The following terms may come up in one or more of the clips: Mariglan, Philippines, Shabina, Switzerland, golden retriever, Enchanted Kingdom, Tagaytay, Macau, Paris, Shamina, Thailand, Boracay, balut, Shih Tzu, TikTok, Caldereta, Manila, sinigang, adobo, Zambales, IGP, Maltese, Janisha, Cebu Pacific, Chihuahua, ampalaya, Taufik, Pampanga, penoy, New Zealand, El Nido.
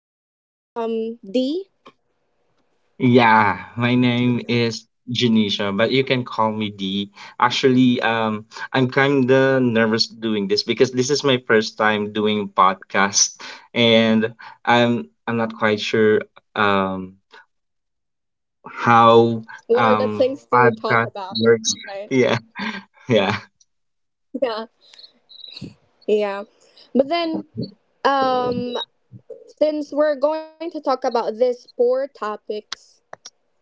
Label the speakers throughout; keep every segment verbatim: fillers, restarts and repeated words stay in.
Speaker 1: the ni- um D.
Speaker 2: Yeah, my name is Janisha, but you can call me D. Actually, um, I'm kind of nervous doing this because this is my first time doing podcast, and I'm I'm not quite sure um how
Speaker 1: What are the
Speaker 2: um
Speaker 1: things to talk
Speaker 2: podcast
Speaker 1: about?
Speaker 2: works.
Speaker 1: Right?
Speaker 2: Yeah, yeah.
Speaker 1: Yeah, yeah. But then, um, since we're going to talk about these four topics,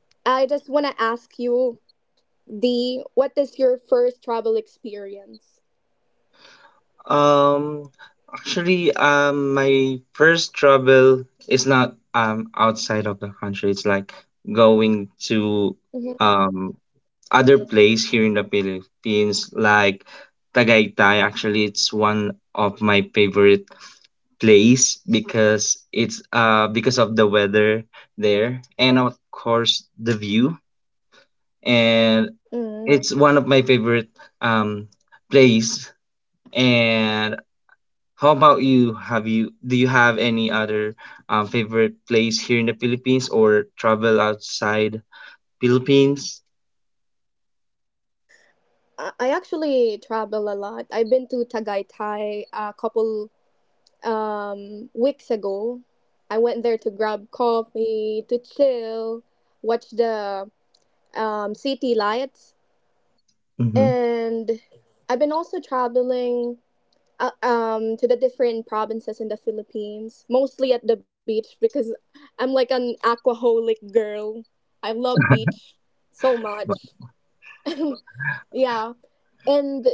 Speaker 1: I just want to ask you, D, what is your first travel experience?
Speaker 2: Um, actually, um, my first travel is not um outside of the country. It's like going to um other place here in the Philippines, like Tagaytay. Actually, it's one of my favorite place because it's uh because of the weather there and of course the view, and
Speaker 1: Mm-hmm.
Speaker 2: it's one of my favorite um place. And how about you, have you do you have any other um, favorite place here in the Philippines or travel outside Philippines?
Speaker 1: I I actually travel a lot. I've been to Tagaytay a couple um, weeks ago. I went there to grab coffee, to chill, watch the um, city lights,
Speaker 2: Mm-hmm.
Speaker 1: and I've been also traveling uh, um, to the different provinces in the Philippines, mostly at the beach because I'm like an aquaholic girl. I love beach so much. Yeah. And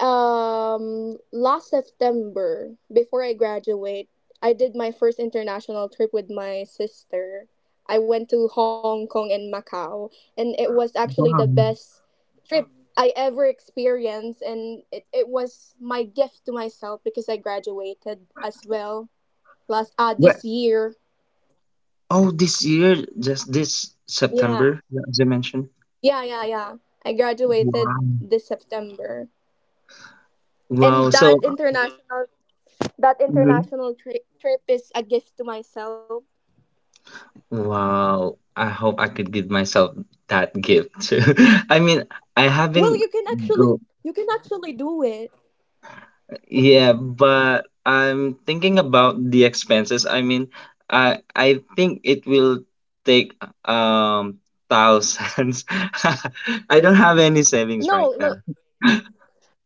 Speaker 1: um, last September, before I graduate, I did my first international trip with my sister. I went to Hong Kong and Macau, and it was actually
Speaker 2: Wow.
Speaker 1: the best trip I ever experienced. And it, it was my gift to myself because I graduated as well last uh,
Speaker 2: Where?
Speaker 1: this year.
Speaker 2: Oh, this year, just this
Speaker 1: Yeah,
Speaker 2: September, yeah, as I mentioned.
Speaker 1: yeah, yeah, yeah. I
Speaker 2: Wow.
Speaker 1: graduated this September. And
Speaker 2: Wow. So.
Speaker 1: that international That
Speaker 2: Mhm.
Speaker 1: international tri- trip is a gift to myself.
Speaker 2: Wow. I hope I could give myself that gift too. I mean, I
Speaker 1: Well,
Speaker 2: haven't
Speaker 1: you can actually
Speaker 2: go.
Speaker 1: you can actually do it.
Speaker 2: Yeah, but I'm thinking about the expenses. I mean, I I think it will take um thousands. I don't have any savings
Speaker 1: No,
Speaker 2: right
Speaker 1: look,
Speaker 2: now.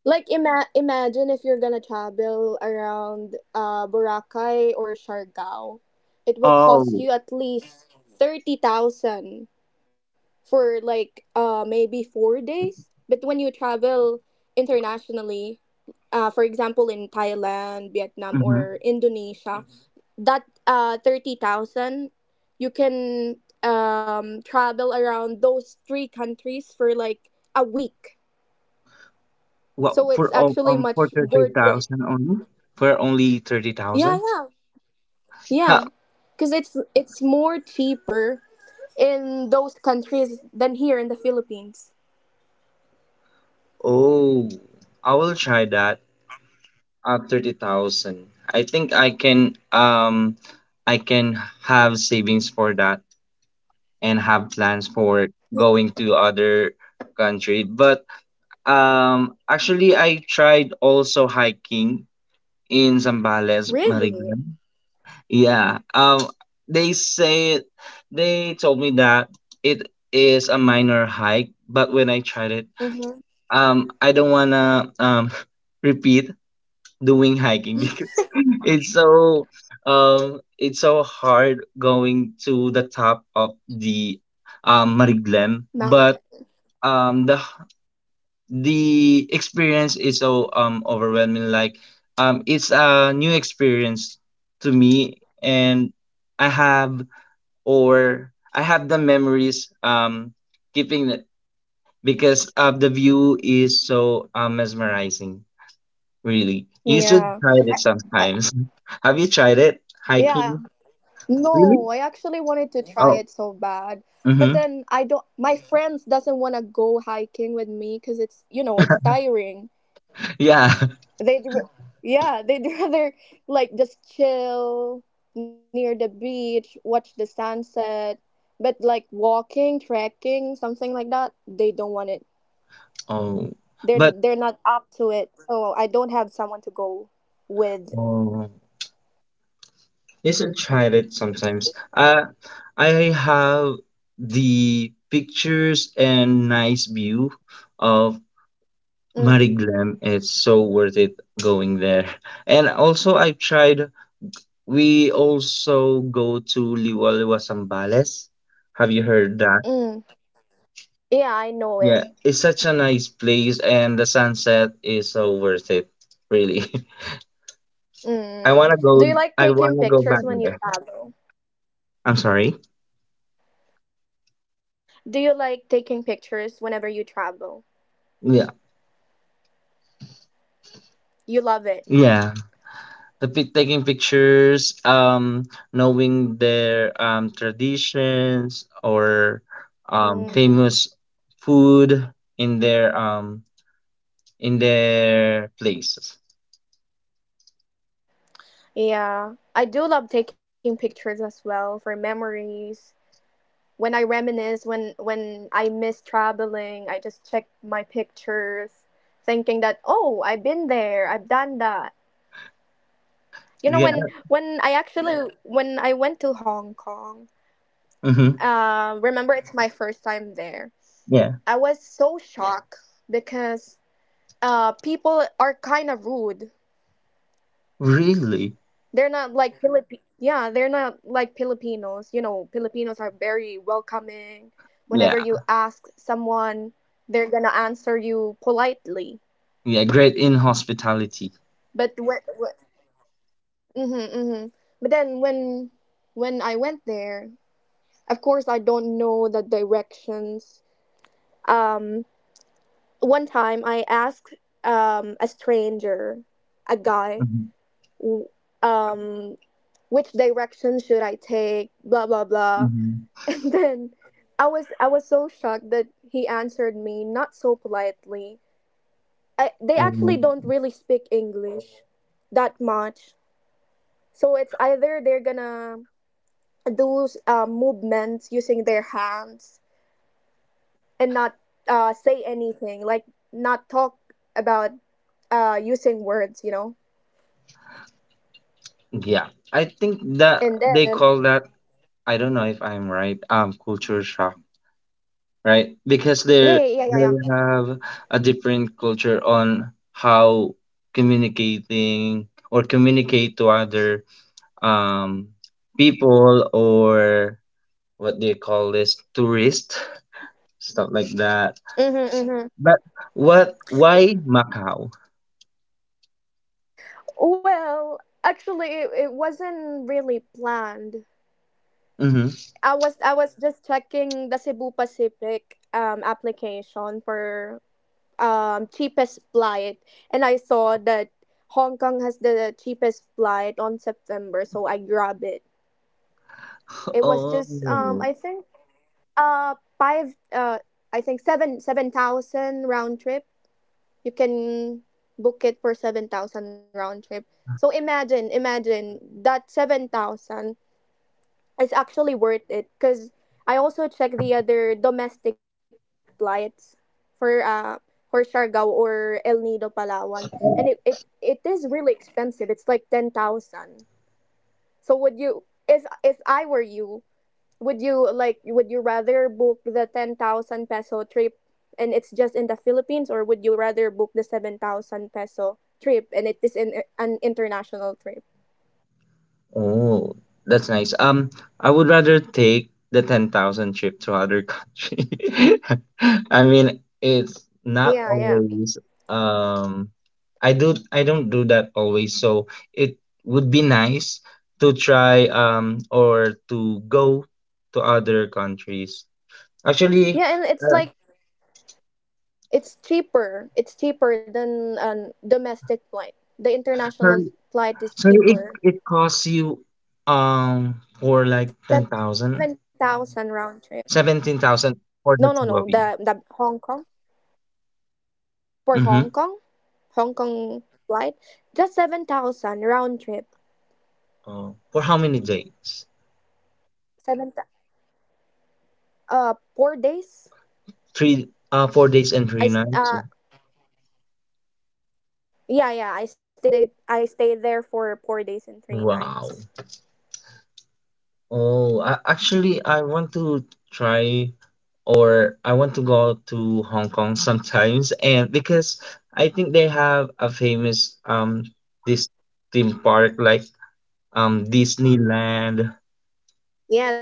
Speaker 1: like ima- imagine if you're gonna travel around uh Boracay or Siargao, it will cost
Speaker 2: Oh.
Speaker 1: you at least thirty thousand for like uh maybe four days. But when you travel internationally, uh, for example in Thailand, Vietnam, or Indonesia, that uh thirty thousand, you can um travel around those three countries for like a week.
Speaker 2: Well,
Speaker 1: So it's
Speaker 2: for all
Speaker 1: actually
Speaker 2: um for
Speaker 1: much
Speaker 2: thirty
Speaker 1: worth it.
Speaker 2: thousand only? For only thirty
Speaker 1: Yeah,
Speaker 2: thousand?
Speaker 1: yeah, yeah.
Speaker 2: Ha!
Speaker 1: Because it's it's more cheaper in those countries than here in the Philippines.
Speaker 2: Oh, I will try that at thirty thousand. I think I can um I can have savings for that and have plans for going to other country. But um actually I tried also hiking in Zambales,
Speaker 1: Really?
Speaker 2: Mariglan. Yeah. Um they say they told me that it is a minor hike, but when I tried it,
Speaker 1: Mm-hmm.
Speaker 2: um I don't wanna um repeat doing hiking because it's so um it's so hard going to the top of the um Mariglem, but um the the experience is so um overwhelming, like um it's a new experience to me, and I have or I have the memories um keeping it because uh, the view is so uh, mesmerizing. Really, you should
Speaker 1: Yeah.
Speaker 2: try it
Speaker 1: I,
Speaker 2: sometimes. Have you tried it
Speaker 1: yeah.
Speaker 2: hiking? Really?
Speaker 1: No, I actually wanted to try
Speaker 2: Oh,
Speaker 1: it so bad. But
Speaker 2: mm-hmm.
Speaker 1: then I don't my friends doesn't want to go hiking with me cuz it's, you know, it's tiring.
Speaker 2: Yeah.
Speaker 1: They'd r- yeah, they'd rather like just chill near the beach, watch the sunset, but like walking, trekking, something like that, they don't want it.
Speaker 2: Oh,
Speaker 1: They're
Speaker 2: but
Speaker 1: they're not up to it. So I don't have someone to go with.
Speaker 2: oh, you should try it sometimes. Uh, I have the pictures and nice view of
Speaker 1: Mm,
Speaker 2: Mariglem. It's so worth it going there. And also, I tried we also go to Liwaliwa Sambales. Have you heard that?
Speaker 1: mm. Yeah, I
Speaker 2: Yeah,
Speaker 1: know
Speaker 2: it's
Speaker 1: it.
Speaker 2: such a nice place and the sunset is so worth it, really. I wanna go
Speaker 1: Mm.
Speaker 2: I
Speaker 1: Do you
Speaker 2: wanna
Speaker 1: like
Speaker 2: go back
Speaker 1: taking
Speaker 2: there.
Speaker 1: pictures when you travel?
Speaker 2: I'm sorry.
Speaker 1: Do you like taking pictures whenever you travel?
Speaker 2: Yeah.
Speaker 1: You love it.
Speaker 2: Yeah. The pic taking pictures, um, knowing their um traditions or um
Speaker 1: Mm.
Speaker 2: famous food in their um in their places.
Speaker 1: Yeah, I do love taking pictures as well for memories. When I reminisce, when when I miss traveling, I just check my pictures, thinking that oh, I've been there, I've done that. You know,
Speaker 2: Yeah.
Speaker 1: when when I actually Yeah. When I went to Hong Kong,
Speaker 2: Mm-hmm.
Speaker 1: uh, remember it's my first time there.
Speaker 2: Yeah.
Speaker 1: I was so shocked because uh people are kind of rude.
Speaker 2: Really?
Speaker 1: They're not like Philippi Yeah, they're not like Filipinos. You know, Filipinos are very welcoming.
Speaker 2: Yeah,
Speaker 1: Whenever you ask someone, they're gonna answer you politely.
Speaker 2: yeah, great in hospitality.
Speaker 1: But when, mm-hmm, mm-hmm. But then when when I went there, of course I don't know the directions. Um, One time I asked um a stranger, a guy,
Speaker 2: Mhm,
Speaker 1: w- um which direction should I take, blah blah blah.
Speaker 2: mhm.
Speaker 1: And then I was I was so shocked that he answered me not so politely. I, they
Speaker 2: Oh,
Speaker 1: actually don't really speak English that much. So it's either they're gonna do uh, movements using their hands and not uh, say anything, like not talk about uh, using words, you know.
Speaker 2: yeah. I think
Speaker 1: And
Speaker 2: that
Speaker 1: then
Speaker 2: they call that, I don't know if I'm right, um, culture shock, right? Because
Speaker 1: Yeah,
Speaker 2: they're
Speaker 1: yeah, yeah, yeah,
Speaker 2: they
Speaker 1: yeah.
Speaker 2: have a different culture on how communicating or communicate to other um people, or what they call this, tourist, stuff like that.
Speaker 1: Mhm, mhm.
Speaker 2: But what, why Macau?
Speaker 1: Well, actually, it, it wasn't really planned.
Speaker 2: Mm-hmm.
Speaker 1: I was I was just checking the Cebu Pacific um application for um cheapest flight, and I saw that Hong Kong has the cheapest flight on September, so I grabbed it. It was just um
Speaker 2: Oh,
Speaker 1: I think, uh five uh I think seven seven thousand round trip. You can book it for seven thousand round trip. So imagine imagine that seven thousand it's actually worth it because I also check the other domestic flights for uh for Siargao or El Nido Palawan, and it it, it is really expensive. It's like ten thousand. So would you if if I were you, would you like would you rather book the ten thousand peso trip and it's just in the Philippines, or would you rather book the seven thousand peso trip and it is in an international trip?
Speaker 2: oh, that's nice. Um, I would rather take the ten thousand trip to other country. I mean, it's
Speaker 1: Yeah,
Speaker 2: not
Speaker 1: yeah,
Speaker 2: always um I do I don't do that always, so it would be nice to try um or to go to other countries. Actually,
Speaker 1: yeah, and it's
Speaker 2: uh,
Speaker 1: like It's cheaper. It's cheaper than a domestic flight. The
Speaker 2: sorry,
Speaker 1: international flight is
Speaker 2: sorry, it
Speaker 1: cheaper.
Speaker 2: it costs you um for like
Speaker 1: Seven thousand
Speaker 2: ten thousand.
Speaker 1: round trip. No, no, no.
Speaker 2: seventeen thousand
Speaker 1: The
Speaker 2: for the
Speaker 1: the
Speaker 2: two of
Speaker 1: Hong
Speaker 2: you.
Speaker 1: Kong for Hong Kong,
Speaker 2: Mm-hmm.
Speaker 1: Hong Kong flight, just seven thousand round trip.
Speaker 2: Oh, for how many days?
Speaker 1: Seven thou- uh Four days.
Speaker 2: Three, uh, four days and
Speaker 1: I
Speaker 2: three
Speaker 1: s-
Speaker 2: nights.
Speaker 1: uh yeah, yeah. I stayed it- I stayed there for four days and three
Speaker 2: Wow.
Speaker 1: nights.
Speaker 2: Oh, I, actually, I want to try or I want to go to Hong Kong sometimes, and because I think they have a famous um this theme park, like um Disneyland.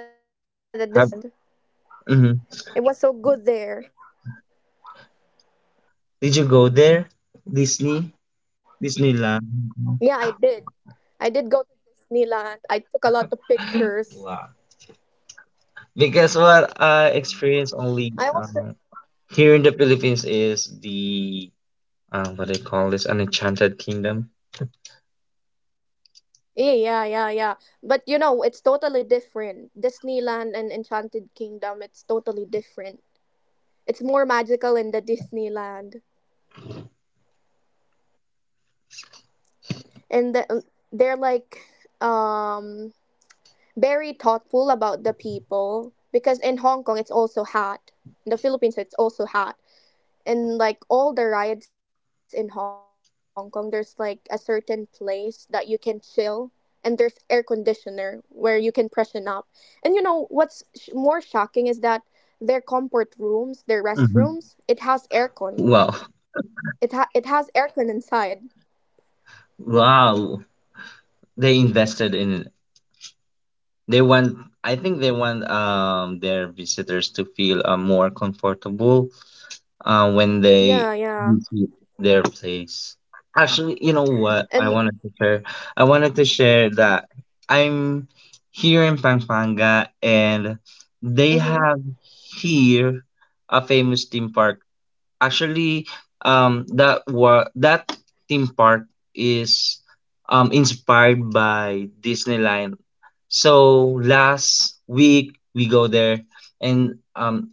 Speaker 1: Yeah, the
Speaker 2: Have
Speaker 1: Disneyland.
Speaker 2: Mhm.
Speaker 1: It was so good there.
Speaker 2: Did you go there? Disney,
Speaker 1: Yeah, I
Speaker 2: Disneyland.
Speaker 1: did.
Speaker 2: Hong
Speaker 1: I did go to Disneyland. I took a lot of pictures.
Speaker 2: Kong? Wow. Because what I experience
Speaker 1: I
Speaker 2: only,
Speaker 1: also
Speaker 2: um, here in the Philippines is the, um, what they call this, an Enchanted Kingdom.
Speaker 1: Yeah, yeah, yeah, yeah. But you know, it's totally different. Disneyland and Enchanted Kingdom, it's totally different. It's more magical in the Disneyland. And the, they're like um very thoughtful about the people because in Hong Kong it's also hot. In the Philippines it's also hot. In like all the riots in Hong Kong, there's like a certain place that you can chill, and there's air conditioner where you can freshen up. And you know what's sh- more shocking is that their comfort rooms, their restrooms, it
Speaker 2: Hmm.
Speaker 1: has aircon.
Speaker 2: Wow,
Speaker 1: It ha- it has aircon inside.
Speaker 2: wow! They invested in. They want. I think they want um their visitors to feel uh, more comfortable uh, when
Speaker 1: Yeah,
Speaker 2: they
Speaker 1: yeah.
Speaker 2: visit their place. Actually, you know what? I
Speaker 1: And
Speaker 2: wanted to share. I wanted to share that I'm here in Pampanga, and they
Speaker 1: mm-hmm,
Speaker 2: have here a famous theme park. Actually, um, that wa- that theme park is um inspired by Disneyland. So last week we go there, and um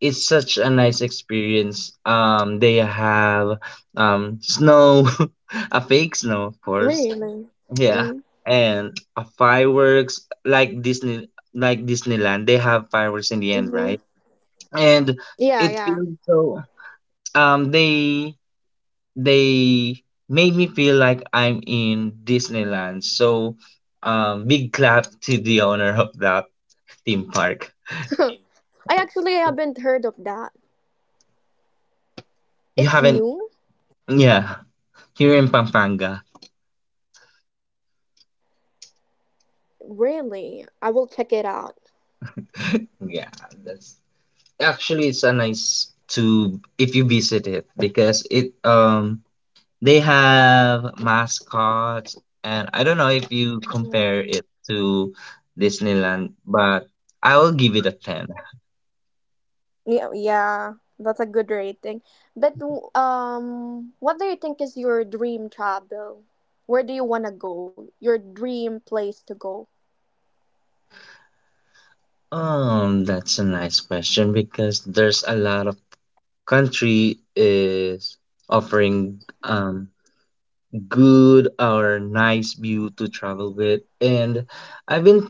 Speaker 2: it's such a nice experience. Um, they have um snow, a fake snow, of course.
Speaker 1: really.
Speaker 2: Yeah,
Speaker 1: Mhm.
Speaker 2: and a fireworks like Disney, like Disneyland. They have fireworks in the end, right?
Speaker 1: Mhm.
Speaker 2: And
Speaker 1: Yeah,
Speaker 2: it
Speaker 1: yeah.
Speaker 2: feels so. Um, they they made me feel like I'm in Disneyland. So, um, big clap to the owner of that theme park.
Speaker 1: I actually haven't heard of that.
Speaker 2: You
Speaker 1: It's
Speaker 2: haven't,
Speaker 1: new?
Speaker 2: yeah, here in Pampanga.
Speaker 1: Really? I will check it out.
Speaker 2: Yeah, that's actually it's a nice to if you visit it because it um they have mascots, and I don't know if you compare it to Disneyland, but I will give it a ten.
Speaker 1: Yeah, yeah, that's a good rating. But w- um, what do you think is your dream travel? Where do you want to go? Your dream place to go?
Speaker 2: Um, that's a nice question because there's a lot of country is offering um good or nice view to travel with, and I've been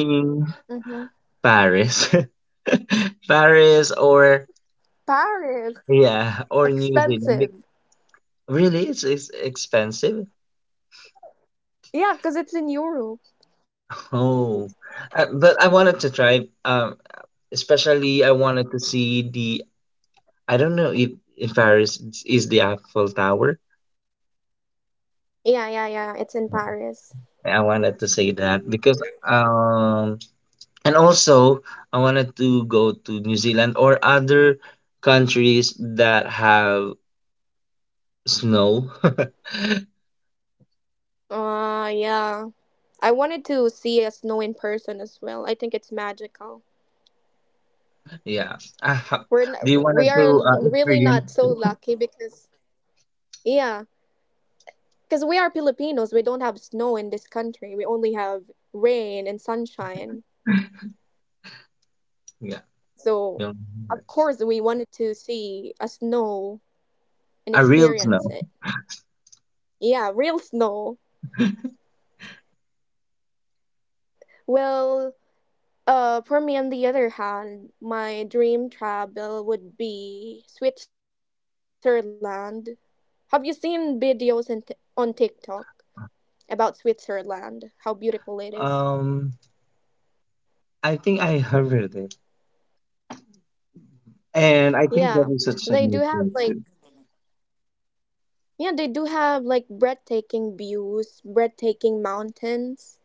Speaker 1: Mm-hmm.
Speaker 2: Paris. Paris, or
Speaker 1: Paris.
Speaker 2: yeah, or New
Speaker 1: Expensive.
Speaker 2: Zealand. Be- Really, it's, it's expensive.
Speaker 1: Yeah, because it's in Europe.
Speaker 2: Oh, uh, but I wanted to try. Um, especially, I wanted to see the. I don't know if in Paris it's- is the Eiffel Tower.
Speaker 1: Yeah, yeah, yeah. It's in Paris.
Speaker 2: I wanted to say that because, um, and also I wanted to go to New Zealand or other countries that have snow.
Speaker 1: Uh, yeah. I wanted to see a snow in person as well. I think it's magical.
Speaker 2: Yeah. I ha-
Speaker 1: We're n
Speaker 2: do you want
Speaker 1: we are
Speaker 2: to uh,
Speaker 1: really not
Speaker 2: experience?
Speaker 1: so lucky because yeah, Because we are Filipinos, we don't have snow in this country. We only have rain and sunshine.
Speaker 2: Yeah.
Speaker 1: So,
Speaker 2: you know,
Speaker 1: of course, we wanted to see a snow and
Speaker 2: A real
Speaker 1: experience
Speaker 2: snow.
Speaker 1: it. Yeah, real snow. Well, uh, for me, on the other hand, my dream travel would be Switzerland. Have you seen videos in t- on TikTok about Switzerland? How beautiful it is.
Speaker 2: Um, I think I heard it, and
Speaker 1: Yeah,
Speaker 2: I think that
Speaker 1: they
Speaker 2: is
Speaker 1: do
Speaker 2: such a
Speaker 1: have
Speaker 2: new
Speaker 1: like
Speaker 2: thing too.
Speaker 1: Yeah, they do have like breathtaking views, breathtaking mountains,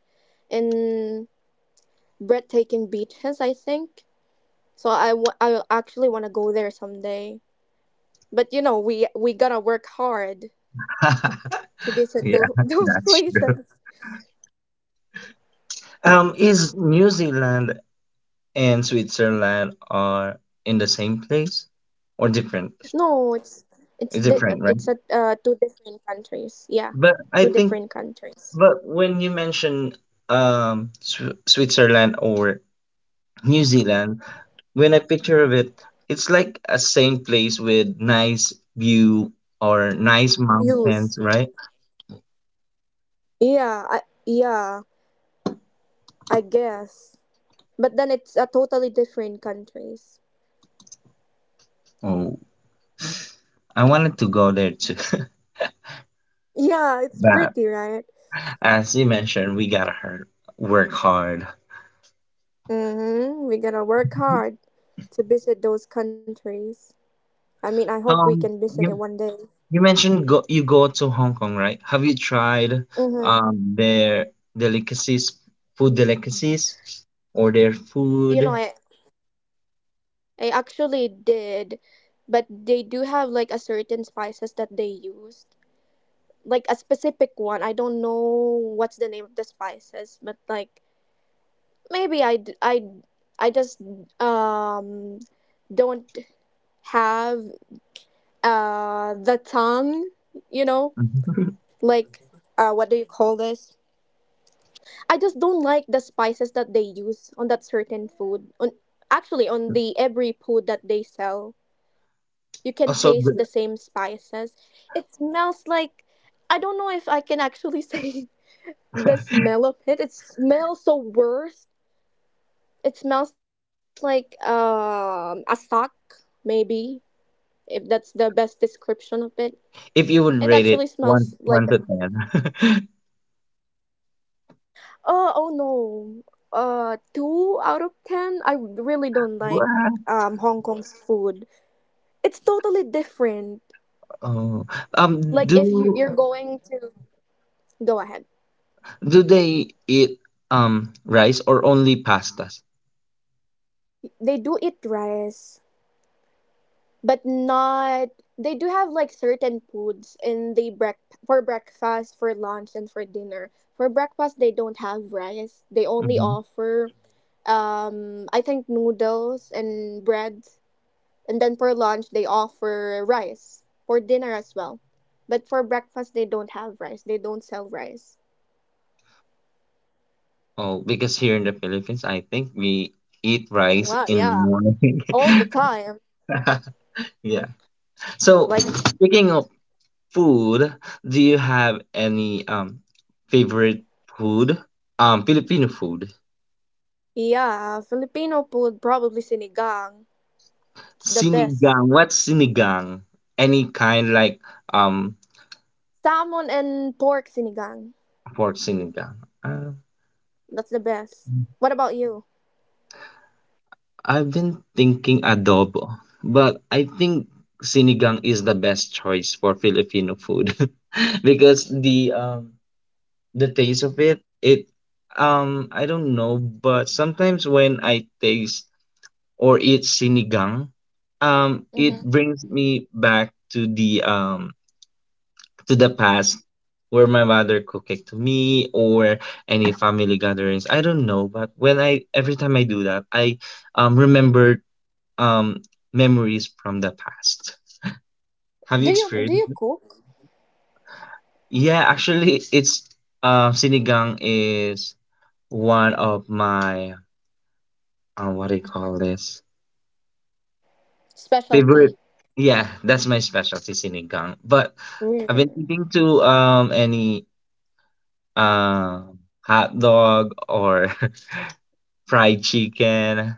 Speaker 1: and breathtaking beaches, I think. So I w- I actually want to go there someday. But you know, we we gotta work hard to visit
Speaker 2: Yeah,
Speaker 1: those, those
Speaker 2: that's true.
Speaker 1: places.
Speaker 2: Um, is New Zealand and Switzerland are in the same place or different?
Speaker 1: No, it's it's
Speaker 2: It's
Speaker 1: di-
Speaker 2: different, right?
Speaker 1: it's at uh, two different countries. Yeah,
Speaker 2: But I
Speaker 1: two
Speaker 2: think,
Speaker 1: different countries.
Speaker 2: but when you mention um Sw Switzerland or New Zealand, when I picture of it, it's like a same place with nice view or nice
Speaker 1: Views.
Speaker 2: mountains, right?
Speaker 1: Yeah, I, yeah, I guess. But then it's a totally different countries.
Speaker 2: Oh, I wanted to go there too.
Speaker 1: Yeah, it's
Speaker 2: But
Speaker 1: pretty, right?
Speaker 2: as you mentioned, we gotta hard, work hard.
Speaker 1: Mm-hmm. We're gonna work hard to visit those countries. I mean, I hope we can
Speaker 2: Um,
Speaker 1: visit it
Speaker 2: you,
Speaker 1: one day.
Speaker 2: you mentioned go, you go to Hong Kong, right? Have you tried
Speaker 1: Mm-hmm.
Speaker 2: um their delicacies, food delicacies, or their
Speaker 1: You know,
Speaker 2: food?
Speaker 1: I, I actually did, but they do have like a certain spices that they used. Like a specific one. I don't know what's the name of the spices, but like maybe I, d- I, I just um don't have uh the tongue, you know?
Speaker 2: Mhm.
Speaker 1: Like uh what do you call this? I just don't like the spices that they use on that certain food. On, actually, on the every food that they sell, you can taste the
Speaker 2: Also,
Speaker 1: same
Speaker 2: the-
Speaker 1: spices. It smells like I don't know if I can actually say the smell of it. It smells so worse. It smells like um a sock, maybe, if that's the best description of it.
Speaker 2: if
Speaker 1: It
Speaker 2: you would
Speaker 1: actually
Speaker 2: rate it
Speaker 1: smells like
Speaker 2: one one to ten,
Speaker 1: Uh, oh no. Uh, two out of ten. I really don't like
Speaker 2: wow.
Speaker 1: um Hong Kong's food. It's totally different.
Speaker 2: Oh, um,
Speaker 1: Like if you
Speaker 2: do
Speaker 1: you're going to go ahead.
Speaker 2: do they eat um rice or only pastas?
Speaker 1: They do eat rice, but not. They do have like certain foods in the break for breakfast, for lunch, and for dinner. For breakfast, they don't have rice. They only
Speaker 2: Hmm.
Speaker 1: offer um I think noodles and bread. And then for lunch, they offer rice, for dinner as well. But for breakfast, they don't have rice. They don't sell rice.
Speaker 2: Oh, because here in the Philippines, I think we eat rice
Speaker 1: Wow,
Speaker 2: in the
Speaker 1: yeah,
Speaker 2: morning.
Speaker 1: all the time.
Speaker 2: Yeah. So,
Speaker 1: Like,
Speaker 2: speaking of food, do you have any um favorite food? Um, Filipino food.
Speaker 1: yeah, Filipino food, probably sinigang. It's the best.
Speaker 2: Sinigang. What's sinigang? Any kind like um
Speaker 1: Salmon and pork sinigang.
Speaker 2: for sinigang? Uh,
Speaker 1: That's the best. What about you?
Speaker 2: I've been thinking adobo, but I think sinigang is the best choice for Filipino food because the um the taste of it it um I don't know, but sometimes when I taste or eat sinigang, um it
Speaker 1: Hmm.
Speaker 2: brings me back to the um to the past where my mother cooked it to me or any family gatherings. I don't know, but when I every time I do that, I um remember um memories from the past. Have you
Speaker 1: Do you do you
Speaker 2: experienced it?
Speaker 1: cook
Speaker 2: Yeah, actually, it's uh, sinigang is one of my, uh, what do you call this,
Speaker 1: specialty?
Speaker 2: favorite. Yeah, that's my specialty, sinigang. But I've been
Speaker 1: Really?
Speaker 2: eating to um any uh, hot dog or fried chicken.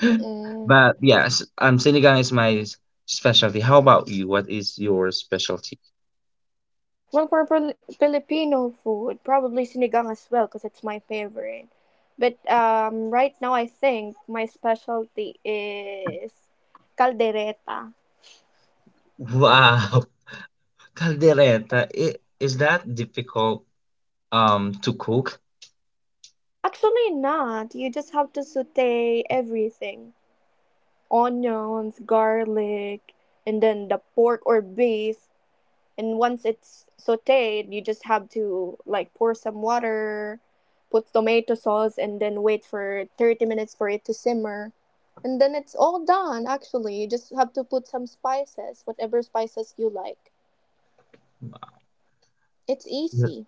Speaker 2: But yes, um, sinigang is my s- specialty. How about you? What is your specialty?
Speaker 1: Well, for Pil- Filipino food, probably sinigang as well because it's my favorite. But um, right now, I think my specialty is caldereta.
Speaker 2: Wow, Caldereta, I is that difficult um to cook?
Speaker 1: Actually, not. You just have to saute everything, onions, garlic, and then the pork or beef. And once it's sauteed, you just have to like pour some water, put tomato sauce, and then wait for thirty minutes for it to simmer. And then it's all done, actually. You just have to put some spices, whatever spices you like. It's
Speaker 2: Th-
Speaker 1: easy.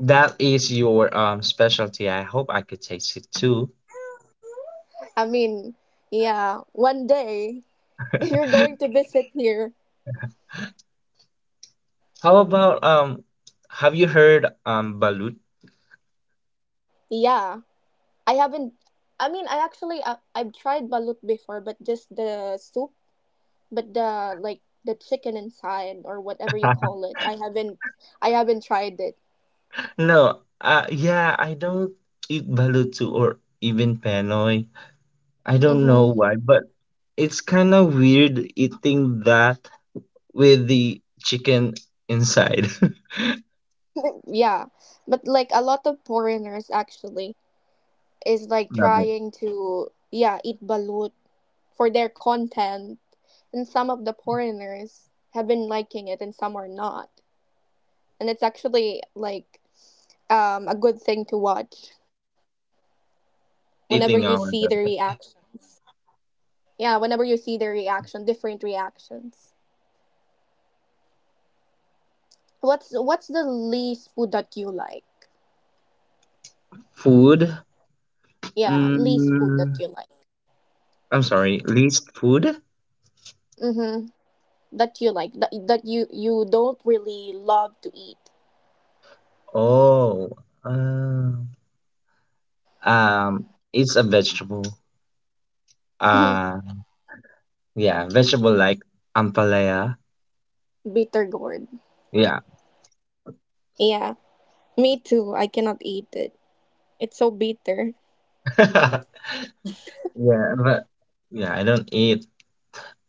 Speaker 2: That is your um specialty. I hope I could taste it too.
Speaker 1: I mean, yeah, one day you're going to visit here.
Speaker 2: How about, um have you heard um balut?
Speaker 1: Yeah, I haven't. I mean, I actually I, I've tried balut before, but just the soup. But the like the chicken inside or whatever you call it, I haven't I haven't tried it.
Speaker 2: No, uh yeah, I don't eat balut too or even penoy. I don't know
Speaker 1: Mm-hmm.
Speaker 2: why, but it's kind of weird eating that with the chicken inside.
Speaker 1: Yeah, but like a lot of foreigners actually is like
Speaker 2: Love it.
Speaker 1: trying to yeah eat balut for their content, and some of the foreigners have been liking it and some are not, and it's actually like um a good thing to watch whenever you see
Speaker 2: Eating
Speaker 1: their
Speaker 2: our
Speaker 1: reactions. Yeah, whenever you see their reaction, different reactions. What's what's the least food that you like?
Speaker 2: food.
Speaker 1: Yeah, least food
Speaker 2: Mm,
Speaker 1: that you like.
Speaker 2: I'm sorry, least food?
Speaker 1: Mm-hmm. That you like. That that you you don't really love to eat.
Speaker 2: Oh, uh, um, it's a vegetable. Uh, yeah, vegetable like ampalaya.
Speaker 1: Bitter gourd.
Speaker 2: Yeah,
Speaker 1: Yeah, me too. I cannot eat it. It's so bitter.
Speaker 2: yeah, but yeah, I don't eat.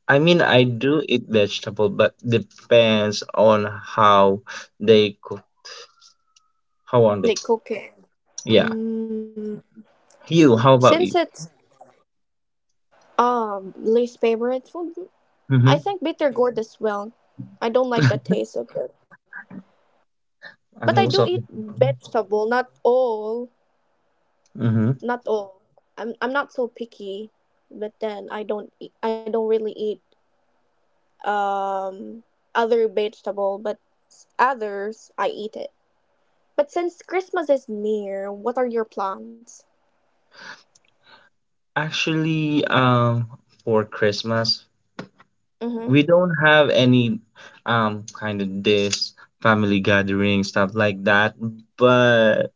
Speaker 2: I mean, I do eat vegetable, but depends on how they cook, how on they.
Speaker 1: They cook it.
Speaker 2: Yeah,
Speaker 1: Mm.
Speaker 2: you. How
Speaker 1: Since
Speaker 2: about you?
Speaker 1: it's um least favorite food, I
Speaker 2: Mm-hmm.
Speaker 1: think bitter gourd as well. I don't like the taste of it. But
Speaker 2: I'm
Speaker 1: I do
Speaker 2: also.
Speaker 1: eat vegetable, not all.
Speaker 2: Mm-hmm.
Speaker 1: Not all. I'm I'm not so picky, but then I don't eat, I don't really eat um other vegetable, but s- others I eat it. But since Christmas is near, what are your plans?
Speaker 2: Actually, um, for Christmas,
Speaker 1: Mm-hmm.
Speaker 2: we don't have any um kind of this family gathering stuff like that, but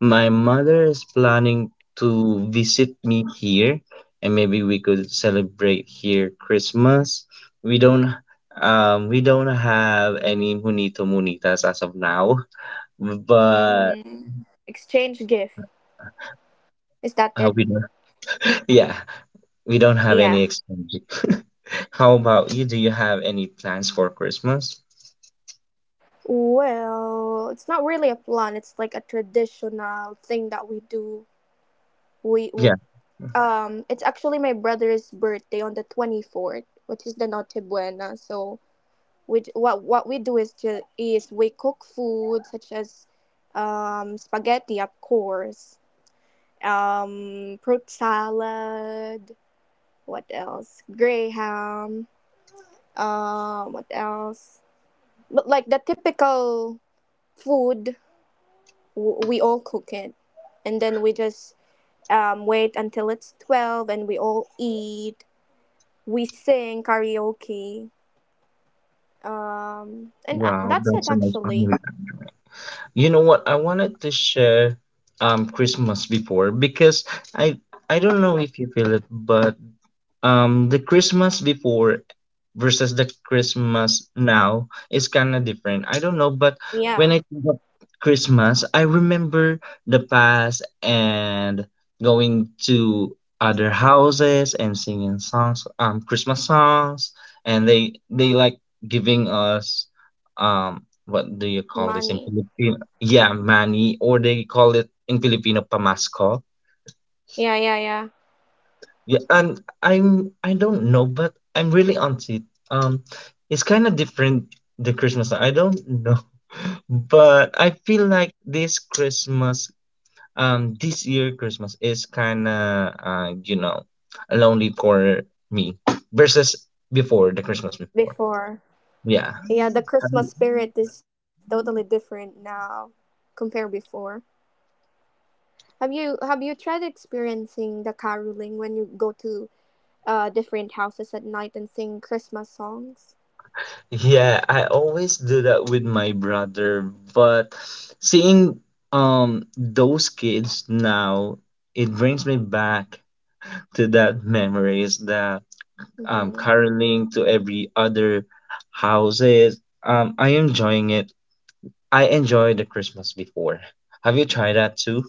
Speaker 2: my mother is planning to visit me here, and maybe we could celebrate here Christmas. We don't um we don't have any munito munitas as of now, but
Speaker 1: Mm, exchange gift. Is that
Speaker 2: uh,
Speaker 1: it?
Speaker 2: we don't, yeah, we don't have any
Speaker 1: Yeah.
Speaker 2: exchange. How about you, do you have any plans for Christmas?
Speaker 1: Well, it's not really a plan. It's like a traditional thing that we do. We w-
Speaker 2: Yeah,
Speaker 1: um, it's actually my brother's birthday on the twenty fourth, which is the Noche Buena. So we what what we do is to is we cook food such as um, spaghetti, of course, um, fruit salad, what else, graham, uh what else, but like the typical food, w- we all cook it, and then we just um, wait until it's twelve and we all eat, we sing karaoke, um, and uh,
Speaker 2: wow,
Speaker 1: that's it
Speaker 2: that's a nice
Speaker 1: actually.
Speaker 2: family. You know what? I wanted to share um Christmas before because I I don't know if you feel it, but um the Christmas before versus the Christmas now is kind of different. I don't know, but when
Speaker 1: Yeah,
Speaker 2: I think of Christmas, I remember the past, and going to other houses and singing songs, um Christmas songs, and they they like giving us, um what do you call this in
Speaker 1: money.
Speaker 2: Filipino, yeah, money, or they call it in Filipino, pamasco.
Speaker 1: Yeah, yeah, yeah.
Speaker 2: Yeah, and I'm I don't know, but I'm really on it. Um, it's kind of different the Christmas. I don't know, but I feel like this Christmas, um, this year Christmas is kind of uh, you know, lonely for me versus before the Christmas before.
Speaker 1: Before.
Speaker 2: Yeah.
Speaker 1: Yeah, the Christmas spirit is totally different now compared before. Have you have you tried experiencing the caroling when you go to uh different houses at night and sing Christmas songs?
Speaker 2: Yeah, I always do that with my brother, but seeing um those kids now, it brings me back to that memories that um
Speaker 1: Mm-hmm.
Speaker 2: caroling to every other houses. Um, I enjoying it. I enjoyed the Christmas before. Have you tried that too?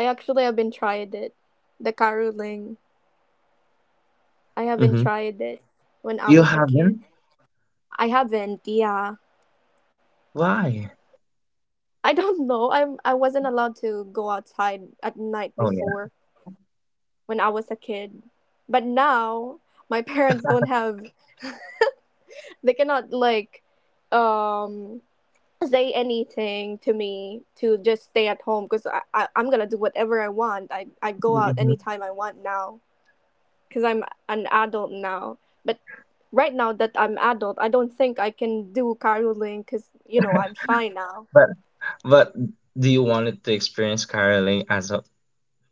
Speaker 1: I actually haven't tried it. The caroling. I haven't
Speaker 2: Mm-hmm.
Speaker 1: tried it when I
Speaker 2: You
Speaker 1: was a
Speaker 2: haven't?
Speaker 1: kid. I haven't, yeah.
Speaker 2: Why?
Speaker 1: I don't know. I'm I wasn't allowed to go outside at night
Speaker 2: Oh yeah.
Speaker 1: before, when I was a kid. But now my parents don't have, they cannot like um say anything to me to just stay at home, because I, I I'm gonna do whatever I want, i i go out
Speaker 2: Mhm.
Speaker 1: anytime I want now, because I'm an adult now. But right now that I'm adult, I don't think I can do caroling because you know I'm shy now.
Speaker 2: But but do you want it to experience caroling as a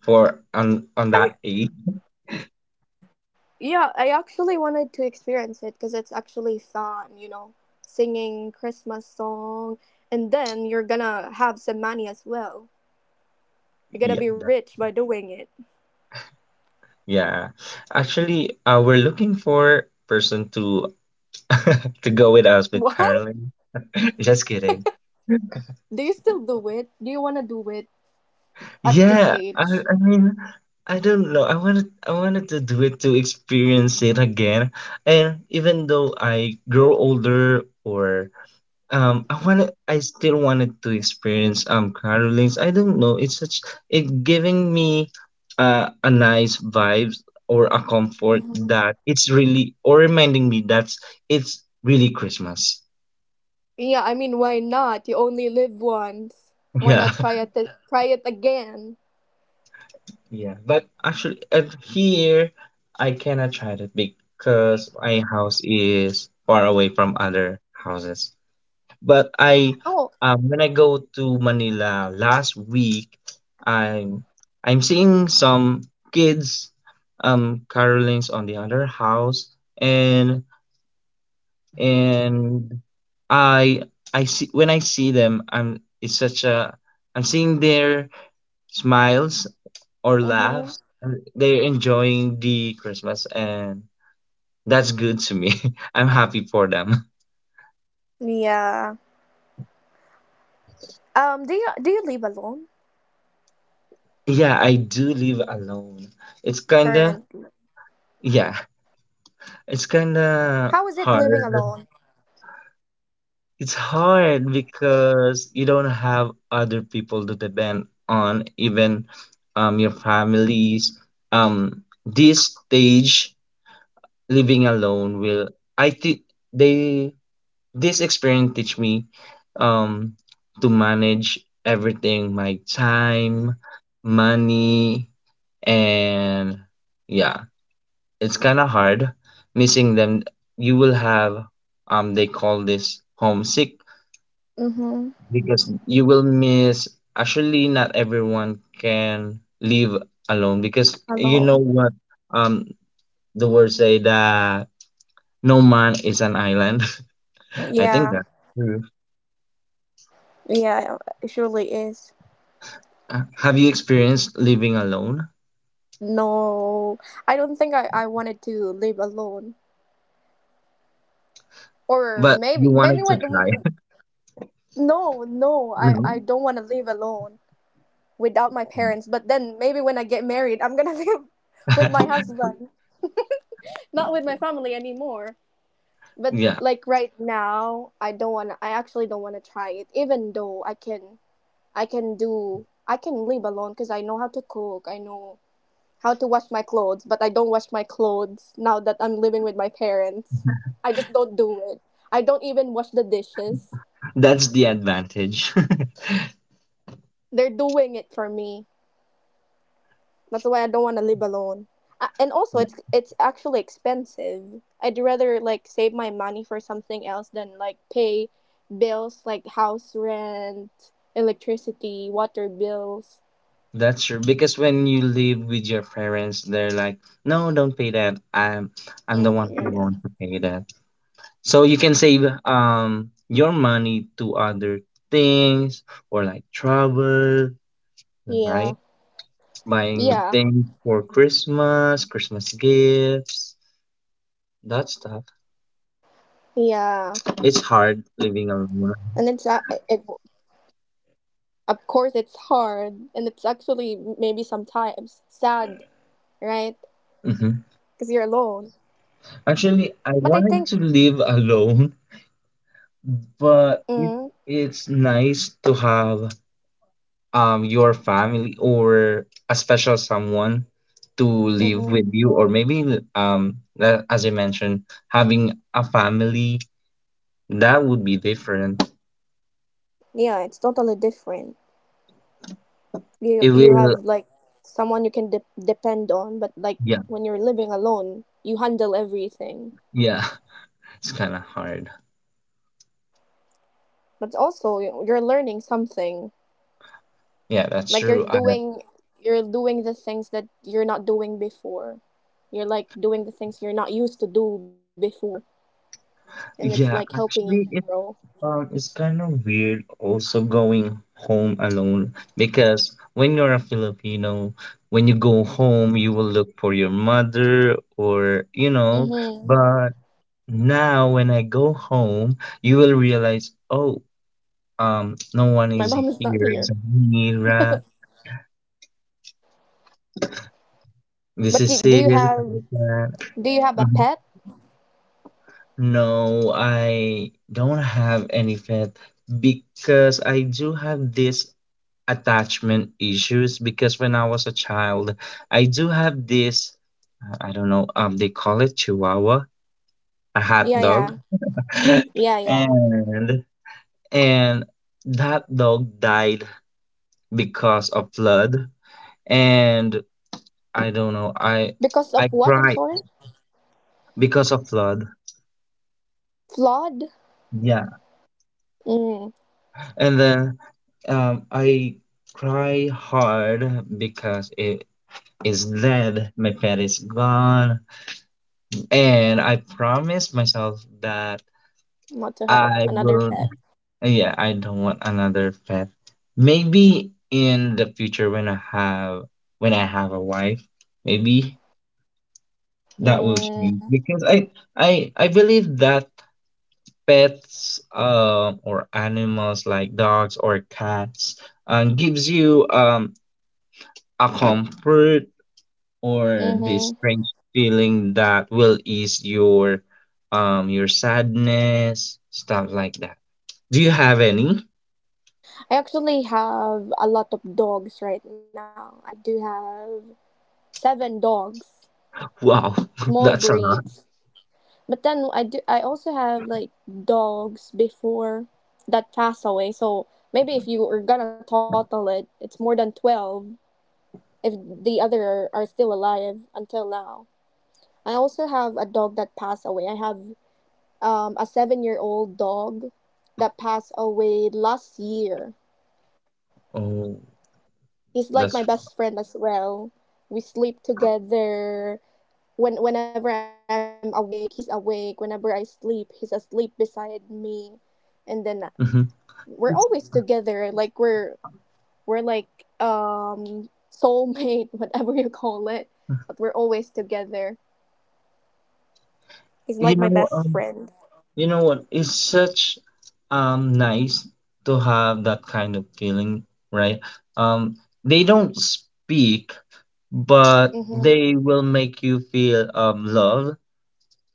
Speaker 2: for on on
Speaker 1: I,
Speaker 2: that age?
Speaker 1: yeah, I actually wanted to experience it because it's actually fun, you know, singing Christmas song, and then you're gonna have some money as well.
Speaker 2: Yeah,
Speaker 1: You're
Speaker 2: that-
Speaker 1: gonna be rich by doing it.
Speaker 2: yeah. Actually, uh, we're looking for person to to go with us with caroling.
Speaker 1: What?
Speaker 2: Just kidding.
Speaker 1: Do you still do it? Do you wanna do it at this
Speaker 2: Yeah, I I
Speaker 1: age?
Speaker 2: mean, I don't know. I wanted I wanted to do it to experience it again. And even though I grow older or um I wanted I still wanted to experience um carolings. I don't know. It's such it giving me uh, a nice vibes or a comfort
Speaker 1: Mhm.
Speaker 2: that it's really or reminding me that's it's really Christmas.
Speaker 1: Yeah, I mean, why not? You only live once. Why
Speaker 2: Yeah.
Speaker 1: not try it? Try it again.
Speaker 2: Yeah, but actually, at here I cannot try that because my house is far away from other houses. But I,
Speaker 1: Oh.
Speaker 2: um, when I go to Manila last week, I'm I'm seeing some kids, um, carolings on the other house, and and I I see when I see them, I'm it's such a I'm seeing their smiles or laughs.
Speaker 1: Mhm.
Speaker 2: They're enjoying the Christmas, and that's good to me. I'm happy for them.
Speaker 1: Yeah. Um. Do you do you live alone
Speaker 2: Yeah, I do live alone. It's kinda,
Speaker 1: currently?
Speaker 2: yeah, it's
Speaker 1: How is it
Speaker 2: kinda
Speaker 1: living alone?
Speaker 2: hard. It's hard because you don't have other people to depend on, even um your families. Um, this stage living alone will, I think they this experience teach me um to manage everything my time money and yeah it's kind of hard missing them. You will have, um they call this homesick
Speaker 1: Mm-hmm.
Speaker 2: because you will miss. Actually not everyone can live alone because you know
Speaker 1: Alone.
Speaker 2: what, um the words say that no man is an island. I think
Speaker 1: Yeah,
Speaker 2: that.
Speaker 1: yeah, it surely is.
Speaker 2: Uh, Have you experienced living alone?
Speaker 1: No, I don't think I, I wanted to live alone. Or
Speaker 2: But
Speaker 1: maybe
Speaker 2: you
Speaker 1: maybe
Speaker 2: wanted to try.
Speaker 1: when no, no, I, I
Speaker 2: No?
Speaker 1: don't want to live alone without my parents. But then maybe when I get married, I'm gonna live with my husband, not with my family anymore. But
Speaker 2: Yeah,
Speaker 1: like right now, I don't want. I actually don't want to try it, even though I can I can do I can live alone because I know how to cook. I know how to wash my clothes, but I don't wash my clothes now that I'm living with my parents. I just don't do it. I don't even wash the dishes.
Speaker 2: that's the advantage.
Speaker 1: They're doing it for me. That's why I don't want to live alone. A- And also,
Speaker 2: Yeah,
Speaker 1: it's it's actually expensive. I'd rather like save my money for something else than like pay bills like house rent, electricity, water bills.
Speaker 2: that's true. Because when you live with your parents, they're like, "No, don't pay that. I'm
Speaker 1: Mm,
Speaker 2: I'm the
Speaker 1: yeah,
Speaker 2: one who
Speaker 1: yeah,
Speaker 2: wants to pay that." So you can save um your money to other things or like travel,
Speaker 1: yeah,
Speaker 2: right? Buying
Speaker 1: yeah,
Speaker 2: things for Christmas, Christmas gifts, that stuff.
Speaker 1: yeah.
Speaker 2: It's hard
Speaker 1: And it's uh,
Speaker 2: living
Speaker 1: it
Speaker 2: alone.
Speaker 1: of course, it's hard, and it's actually maybe sometimes sad, right? Because you're
Speaker 2: Mhm.
Speaker 1: alone. But I
Speaker 2: Actually,
Speaker 1: think,
Speaker 2: I wanted to live alone, but
Speaker 1: mm,
Speaker 2: it, it's nice to have um your family or a special someone to live
Speaker 1: mm-hmm,
Speaker 2: with you, or maybe um that, as I mentioned, having a family that would be different.
Speaker 1: yeah, it's totally different. You
Speaker 2: It
Speaker 1: you have
Speaker 2: will,
Speaker 1: like someone you can de- depend on, but like
Speaker 2: yeah,
Speaker 1: when you're living alone, you handle everything.
Speaker 2: yeah. It's kind of hard.
Speaker 1: But also, you- you're learning something.
Speaker 2: Yeah, that's
Speaker 1: Like you're
Speaker 2: true. I,
Speaker 1: doing, you're doing the things that you're not doing before. You're like doing the things you're not used to do before, and it's like
Speaker 2: yeah,
Speaker 1: helping you to
Speaker 2: actually, it.
Speaker 1: grow.
Speaker 2: Um, it's kind of weird also going home alone because when you're a Filipino, when you go home, you will look for your mother or, you know,
Speaker 1: Mm-hmm.
Speaker 2: but now when I go home, you will realize, oh, um, no one
Speaker 1: My
Speaker 2: is
Speaker 1: mom is not
Speaker 2: here
Speaker 1: here.
Speaker 2: except me, right? This
Speaker 1: But
Speaker 2: is
Speaker 1: do, do
Speaker 2: it,
Speaker 1: you
Speaker 2: like
Speaker 1: have
Speaker 2: that.
Speaker 1: do you have a
Speaker 2: Mhm.
Speaker 1: pet?
Speaker 2: No, I don't have any pet because I do have this attachment issues because when I was a child, I do have this, uh, I don't know, um, they call it Chihuahua, a hot
Speaker 1: Yeah,
Speaker 2: dog.
Speaker 1: yeah, yeah, yeah.
Speaker 2: and and that dog died because of flood. And I don't know, I
Speaker 1: Because of
Speaker 2: I
Speaker 1: what? I'm
Speaker 2: cried
Speaker 1: sorry.
Speaker 2: because of flood.
Speaker 1: Flawed.
Speaker 2: Yeah.
Speaker 1: Mm,
Speaker 2: And then, um, I cry hard because it is dead. My pet is gone. And I promised myself that
Speaker 1: not to have a,
Speaker 2: I
Speaker 1: another
Speaker 2: will,
Speaker 1: pet.
Speaker 2: yeah, I don't want another pet. Maybe in the future when I have when I have a wife, maybe that will change
Speaker 1: Mm,
Speaker 2: because I I I believe that pets um or animals like dogs or cats um gives you um a comfort or
Speaker 1: mm-hmm.
Speaker 2: this strange feeling that will ease your um your sadness, stuff like that. Do you have any?
Speaker 1: I actually have a lot of dogs right now. I do have seven dogs,
Speaker 2: Wow,
Speaker 1: small
Speaker 2: that's a lot.
Speaker 1: breeds. But then I do. I also have like dogs before that pass away. So maybe if you were gonna total it, it's more than twelve, if the other are still alive until now. I also have a dog that passed away. I have um, a seven year old dog that passed away last year.
Speaker 2: Oh,
Speaker 1: He's like my
Speaker 2: that's.
Speaker 1: best friend as well. We sleep together. When whenever I'm awake, he's awake. Whenever I sleep, he's asleep beside me. And then
Speaker 2: Mhm.
Speaker 1: we're
Speaker 2: It's-
Speaker 1: always together. Like we're we're like Um, soulmate, whatever you call it. But we're always together. He's
Speaker 2: you
Speaker 1: like my
Speaker 2: know
Speaker 1: best
Speaker 2: um
Speaker 1: friend.
Speaker 2: you know what? It's such um nice to have that kind of feeling, right? Um, they don't speak, but
Speaker 1: Mm-hmm.
Speaker 2: they will make you feel um love.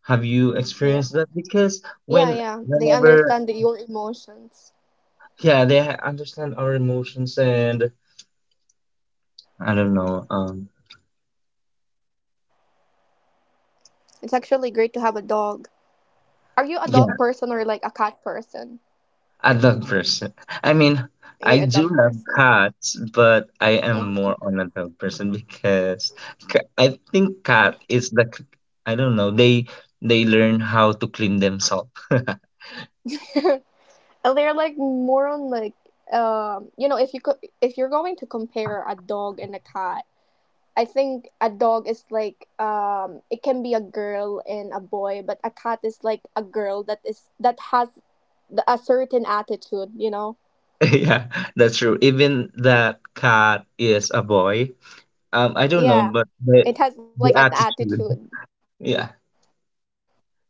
Speaker 2: Have you
Speaker 1: Yeah.
Speaker 2: experienced that? Because
Speaker 1: Yeah,
Speaker 2: when
Speaker 1: yeah. They
Speaker 2: whenever
Speaker 1: understand that your emotions.
Speaker 2: yeah they ha- understand our emotions and I don't know, um
Speaker 1: It's actually great to have a dog. Are you a dog person
Speaker 2: yeah,
Speaker 1: or like a cat person?
Speaker 2: I love person. I mean,
Speaker 1: You're a
Speaker 2: I
Speaker 1: dog
Speaker 2: do
Speaker 1: person.
Speaker 2: love cats, but I am
Speaker 1: Mhm.
Speaker 2: more on a dog person because ca- I think cat is the c- I don't know, they they learn how to clean themselves.
Speaker 1: And they're like more on like um you know if you could if you're going to compare a dog and a cat, I think a dog is like um it can be a girl and a boy, but a cat is like a girl that is that has the, a certain attitude you know.
Speaker 2: Yeah, that's true, even that cat is a boy, um I don't know, but
Speaker 1: Yeah.
Speaker 2: the
Speaker 1: It has
Speaker 2: the
Speaker 1: like an
Speaker 2: attitude,
Speaker 1: attitude.
Speaker 2: yeah.
Speaker 1: Yeah.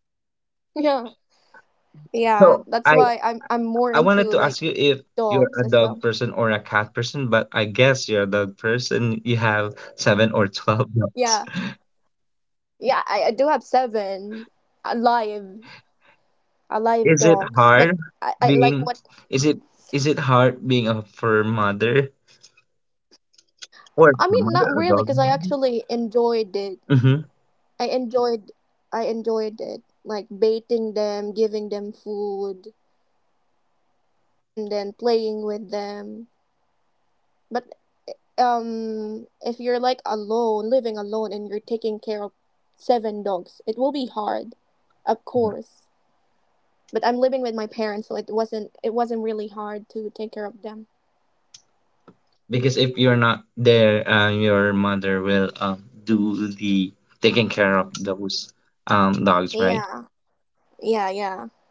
Speaker 1: Yeah. That's why I'm
Speaker 2: so
Speaker 1: I'm more
Speaker 2: i
Speaker 1: into like
Speaker 2: I wanted to ask you
Speaker 1: dogs as
Speaker 2: if
Speaker 1: well.
Speaker 2: you're a dog person or a cat person, but I guess you're a dog person. You have seven or twelve
Speaker 1: Yeah.
Speaker 2: dogs.
Speaker 1: Yeah, I, I do have seven alive alive
Speaker 2: Is it
Speaker 1: dogs, but
Speaker 2: hard
Speaker 1: I, I like
Speaker 2: being
Speaker 1: what
Speaker 2: is it is it hard being a fur mother or
Speaker 1: I
Speaker 2: fur
Speaker 1: mean not
Speaker 2: mother a
Speaker 1: really
Speaker 2: dog?
Speaker 1: because I actually enjoyed it.
Speaker 2: Mm-hmm.
Speaker 1: I enjoyed I enjoyed it. Like baiting them, giving them food, and then playing with them. But um if you're like alone living alone and you're taking care of seven dogs, it will be hard, of course, but I'm living with my parents so it wasn't it wasn't really hard to take care of them.
Speaker 2: Because if you're not there, uh, your mother will, um, do the taking care of those, um, dogs, right?
Speaker 1: Yeah, yeah, yeah,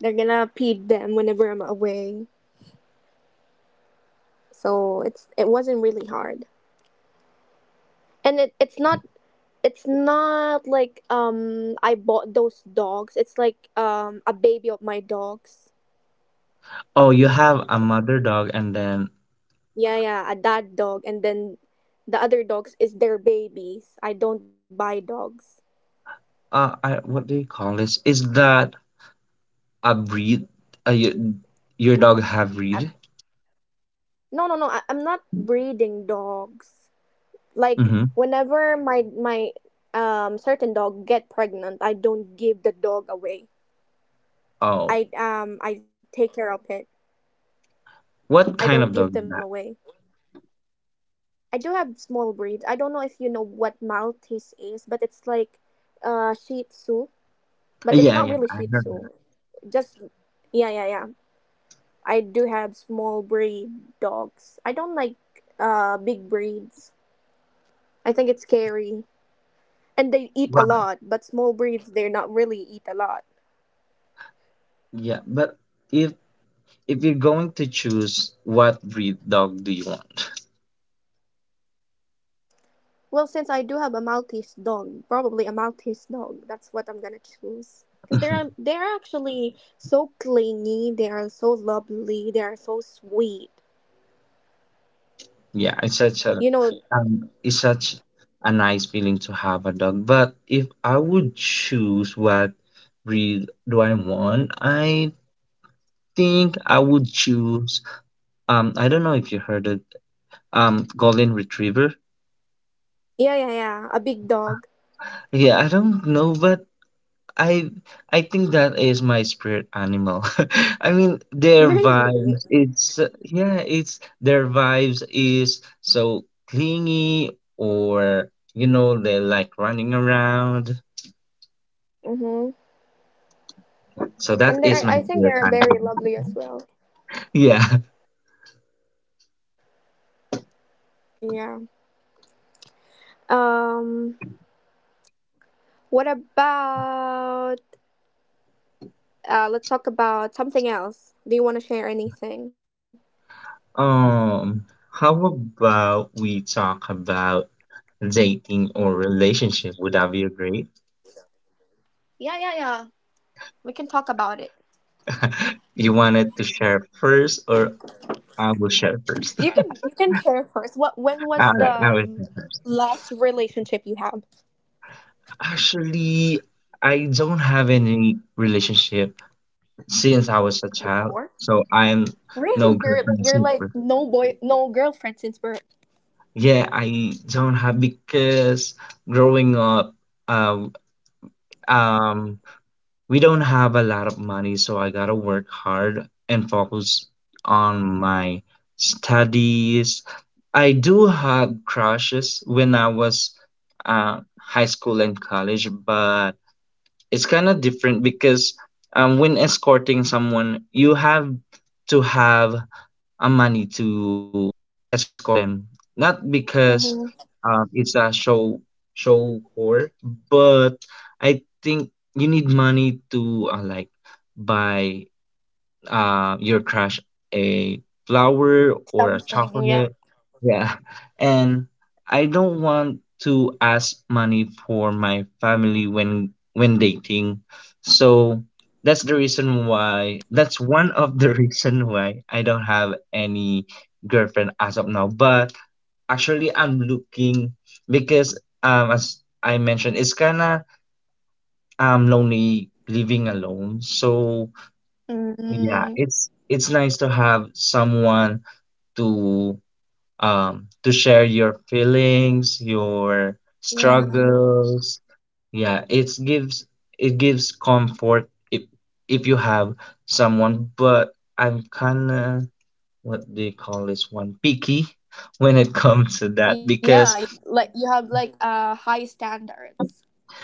Speaker 1: they're gonna feed them whenever I'm away, so it's it wasn't really hard. And it, it's not, it's not like um I bought those dogs, it's like um a baby of my dogs.
Speaker 2: Oh, you have a mother dog, and then
Speaker 1: Yeah, yeah, a dad dog, and then the other dogs is their babies. I don't buy dogs.
Speaker 2: uh, I, what do you call this? Is that a breed? Uh, your, your dog have breed?
Speaker 1: No, no, no. I, I'm not breeding dogs. Like
Speaker 2: Mm-hmm.
Speaker 1: whenever my my um certain dog get pregnant, I don't give the dog away.
Speaker 2: Oh,
Speaker 1: I um I take care of it. I
Speaker 2: what
Speaker 1: don't
Speaker 2: kind of
Speaker 1: give
Speaker 2: dog
Speaker 1: them
Speaker 2: is that?
Speaker 1: away. I do have small breeds. I don't know if you know what Maltese is, but it's like uh Shih Tzu, but
Speaker 2: Uh,
Speaker 1: it's
Speaker 2: Yeah,
Speaker 1: not
Speaker 2: yeah,
Speaker 1: really
Speaker 2: I
Speaker 1: Shih
Speaker 2: heard that.
Speaker 1: Tzu. Just yeah, yeah, yeah. I do have small breed dogs. I don't like uh big breeds. I think it's scary. And they eat a
Speaker 2: Right.
Speaker 1: lot, but small breeds they're not really eat a lot.
Speaker 2: Yeah, but if if you're going to choose, what breed dog do you want?
Speaker 1: Well, since I do have a Maltese dog, probably a Maltese dog. That's what I'm gonna choose. Cause they're
Speaker 2: Mhm.
Speaker 1: um, they're actually so clingy. They are so lovely. They are so sweet.
Speaker 2: Yeah, it's such a,
Speaker 1: You know,
Speaker 2: um, it's such a nice feeling to have a dog. But if I would choose what breed do I want, I think I would choose, um I don't know if you heard it, um golden retriever.
Speaker 1: yeah, yeah, yeah. A big dog,
Speaker 2: Yeah, I don't know, but I I think that is my spirit animal. I mean, their
Speaker 1: really.
Speaker 2: vibes, it's, uh, yeah, it's, their vibes is so clingy or, you know, they like running around.
Speaker 1: Mhm.
Speaker 2: So that
Speaker 1: And they
Speaker 2: is
Speaker 1: are,
Speaker 2: my
Speaker 1: I think they
Speaker 2: spirit
Speaker 1: are
Speaker 2: animal.
Speaker 1: very lovely as well.
Speaker 2: Yeah.
Speaker 1: Yeah. Um. What about uh let's talk about something else. Do you want to share anything?
Speaker 2: Um, how about we talk about dating or relationship? Would that be great?
Speaker 1: Yeah, yeah, yeah. We can talk about it.
Speaker 2: You wanted to share first or I will share first?
Speaker 1: You can you can share first. What when was
Speaker 2: All
Speaker 1: the
Speaker 2: right, I will
Speaker 1: um,
Speaker 2: share first.
Speaker 1: last relationship you had
Speaker 2: Actually, I don't have any relationship since I was a child,
Speaker 1: before?
Speaker 2: so I am no
Speaker 1: Really? You're
Speaker 2: girlfriend
Speaker 1: you're like
Speaker 2: super.
Speaker 1: no boy no girlfriend since birth.
Speaker 2: Yeah, I don't have because growing up, uh, um, we don't have a lot of money, so I gotta work hard and focus on my studies. I do have crushes when I was, uh, high school and college, but it's kind of different because, um, when escorting someone, you have to have a money to escort them. Not because,
Speaker 1: Mm-hmm.
Speaker 2: um, it's a show show for, but I think you need money to, uh, like buy, uh, your crush a flower or a
Speaker 1: Something, yeah.
Speaker 2: chocolate. Yeah. And I don't want to ask money for my family when when dating. So that's the reason why, that's one of the reason why I don't have any girlfriend as of now. But actually I'm looking because, um as I mentioned, it's kinda, um lonely living alone. So yeah,
Speaker 1: Mm.
Speaker 2: it's it's nice to have someone to, um to share your feelings, your
Speaker 1: Yeah.
Speaker 2: struggles. Yeah, it gives it gives comfort if if you have someone, but I'm kind of what they call this one, picky when it comes to that
Speaker 1: Yeah, you have
Speaker 2: because
Speaker 1: like you have like uh high standards.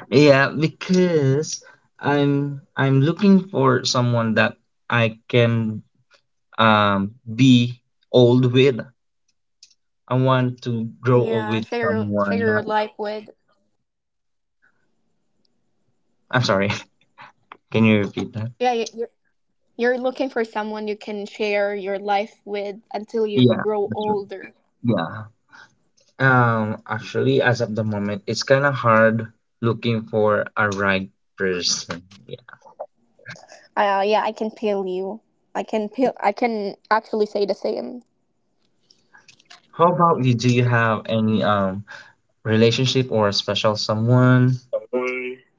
Speaker 2: yeah, because I'm I'm looking for someone that I can, um be old with I want to grow old
Speaker 1: Yeah,
Speaker 2: with
Speaker 1: share your share
Speaker 2: someone.
Speaker 1: your
Speaker 2: Not,
Speaker 1: life with.
Speaker 2: I'm sorry. Can you repeat that?
Speaker 1: Yeah, you- you're you're looking for someone you can share your life with until you
Speaker 2: Yeah,
Speaker 1: grow
Speaker 2: that's right.
Speaker 1: older.
Speaker 2: Yeah. Um, actually, as of the moment, it's kind of hard looking for a right person. Yeah.
Speaker 1: Uh, yeah, I can feel you. I can feel. I can actually say the same.
Speaker 2: How about you? Do you have any um relationship or special someone?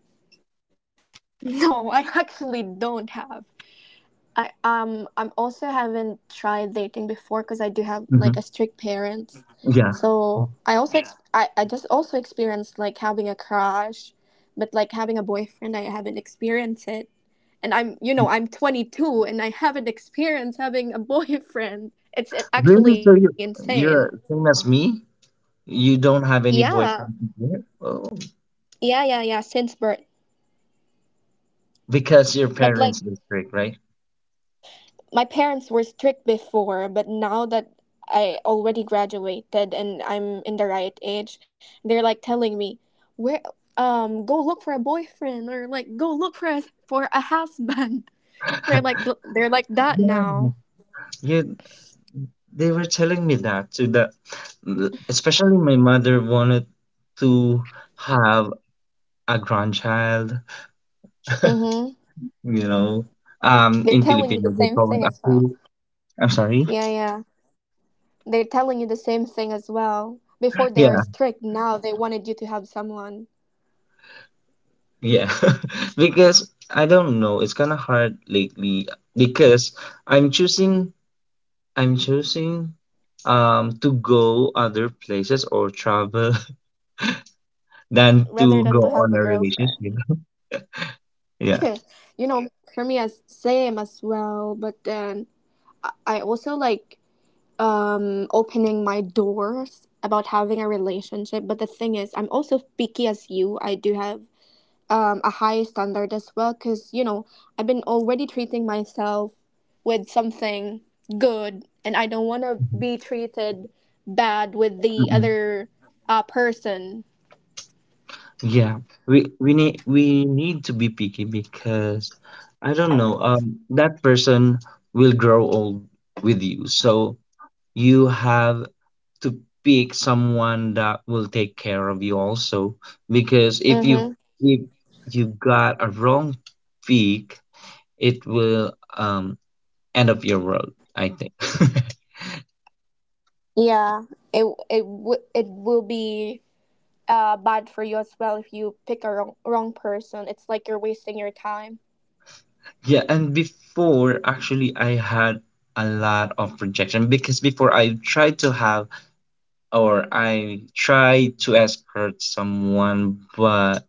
Speaker 1: No, I actually don't have. I um I'm also haven't tried dating before because I do have like a strict
Speaker 2: Hmm.
Speaker 1: parents,
Speaker 2: Yeah.
Speaker 1: so I also ex- I I just also experienced like having a crush, but like having a boyfriend I haven't experienced it, and I'm you know I'm twenty two and I haven't experienced having a boyfriend. It's it's actually
Speaker 2: Really? So you
Speaker 1: insane.
Speaker 2: you're same as me? You don't have any
Speaker 1: Yeah,
Speaker 2: boyfriend here? Oh,
Speaker 1: yeah, yeah, yeah. Since birth,
Speaker 2: because your
Speaker 1: but like
Speaker 2: parents is strict, right?
Speaker 1: my parents were strict before, but now that I already graduated and I'm in the right age, they're like telling me, "Where um go look for a boyfriend or like go look for a for a husband." They're like they're like that
Speaker 2: Yeah.
Speaker 1: now.
Speaker 2: You They were telling me that too, that, l- especially my mother wanted to have a grandchild,
Speaker 1: Mhm.
Speaker 2: you know. Um,
Speaker 1: They're
Speaker 2: in
Speaker 1: telling you
Speaker 2: Filipino
Speaker 1: the
Speaker 2: they
Speaker 1: same
Speaker 2: call it
Speaker 1: thing as well.
Speaker 2: aku. I'm sorry.
Speaker 1: Yeah, yeah. They're telling you the same thing as well. Before they were
Speaker 2: Yeah,
Speaker 1: strict, now they wanted you to have someone
Speaker 2: yeah. Because I don't know, it's kind of hard lately because I'm choosing I'm choosing, um to go other places or travel than
Speaker 1: rather
Speaker 2: to
Speaker 1: than
Speaker 2: go
Speaker 1: to have a
Speaker 2: on a
Speaker 1: girlfriend.
Speaker 2: relationship. Yeah.
Speaker 1: you know, for me as same as well, but then I also like um opening my doors about having a relationship. But the thing is, I'm also picky as you. I do have um a high standard as well because you know I've been already treating myself with something good, and I don't want to be treated bad with the
Speaker 2: Mhm.
Speaker 1: other uh person.
Speaker 2: Yeah, we we need we need to be picky because I don't know, um, that person will grow old with you. So you have to pick someone that will take care of you also because if you
Speaker 1: Mm-hmm.
Speaker 2: if you got a wrong pick, it will, um end up your world, I think.
Speaker 1: Yeah, it it w- it will be uh bad for you as well if you pick a wrong wrong person. It's like you're wasting your time.
Speaker 2: Yeah, and before actually I had a lot of rejection because before I tried to have or I try to escort someone, but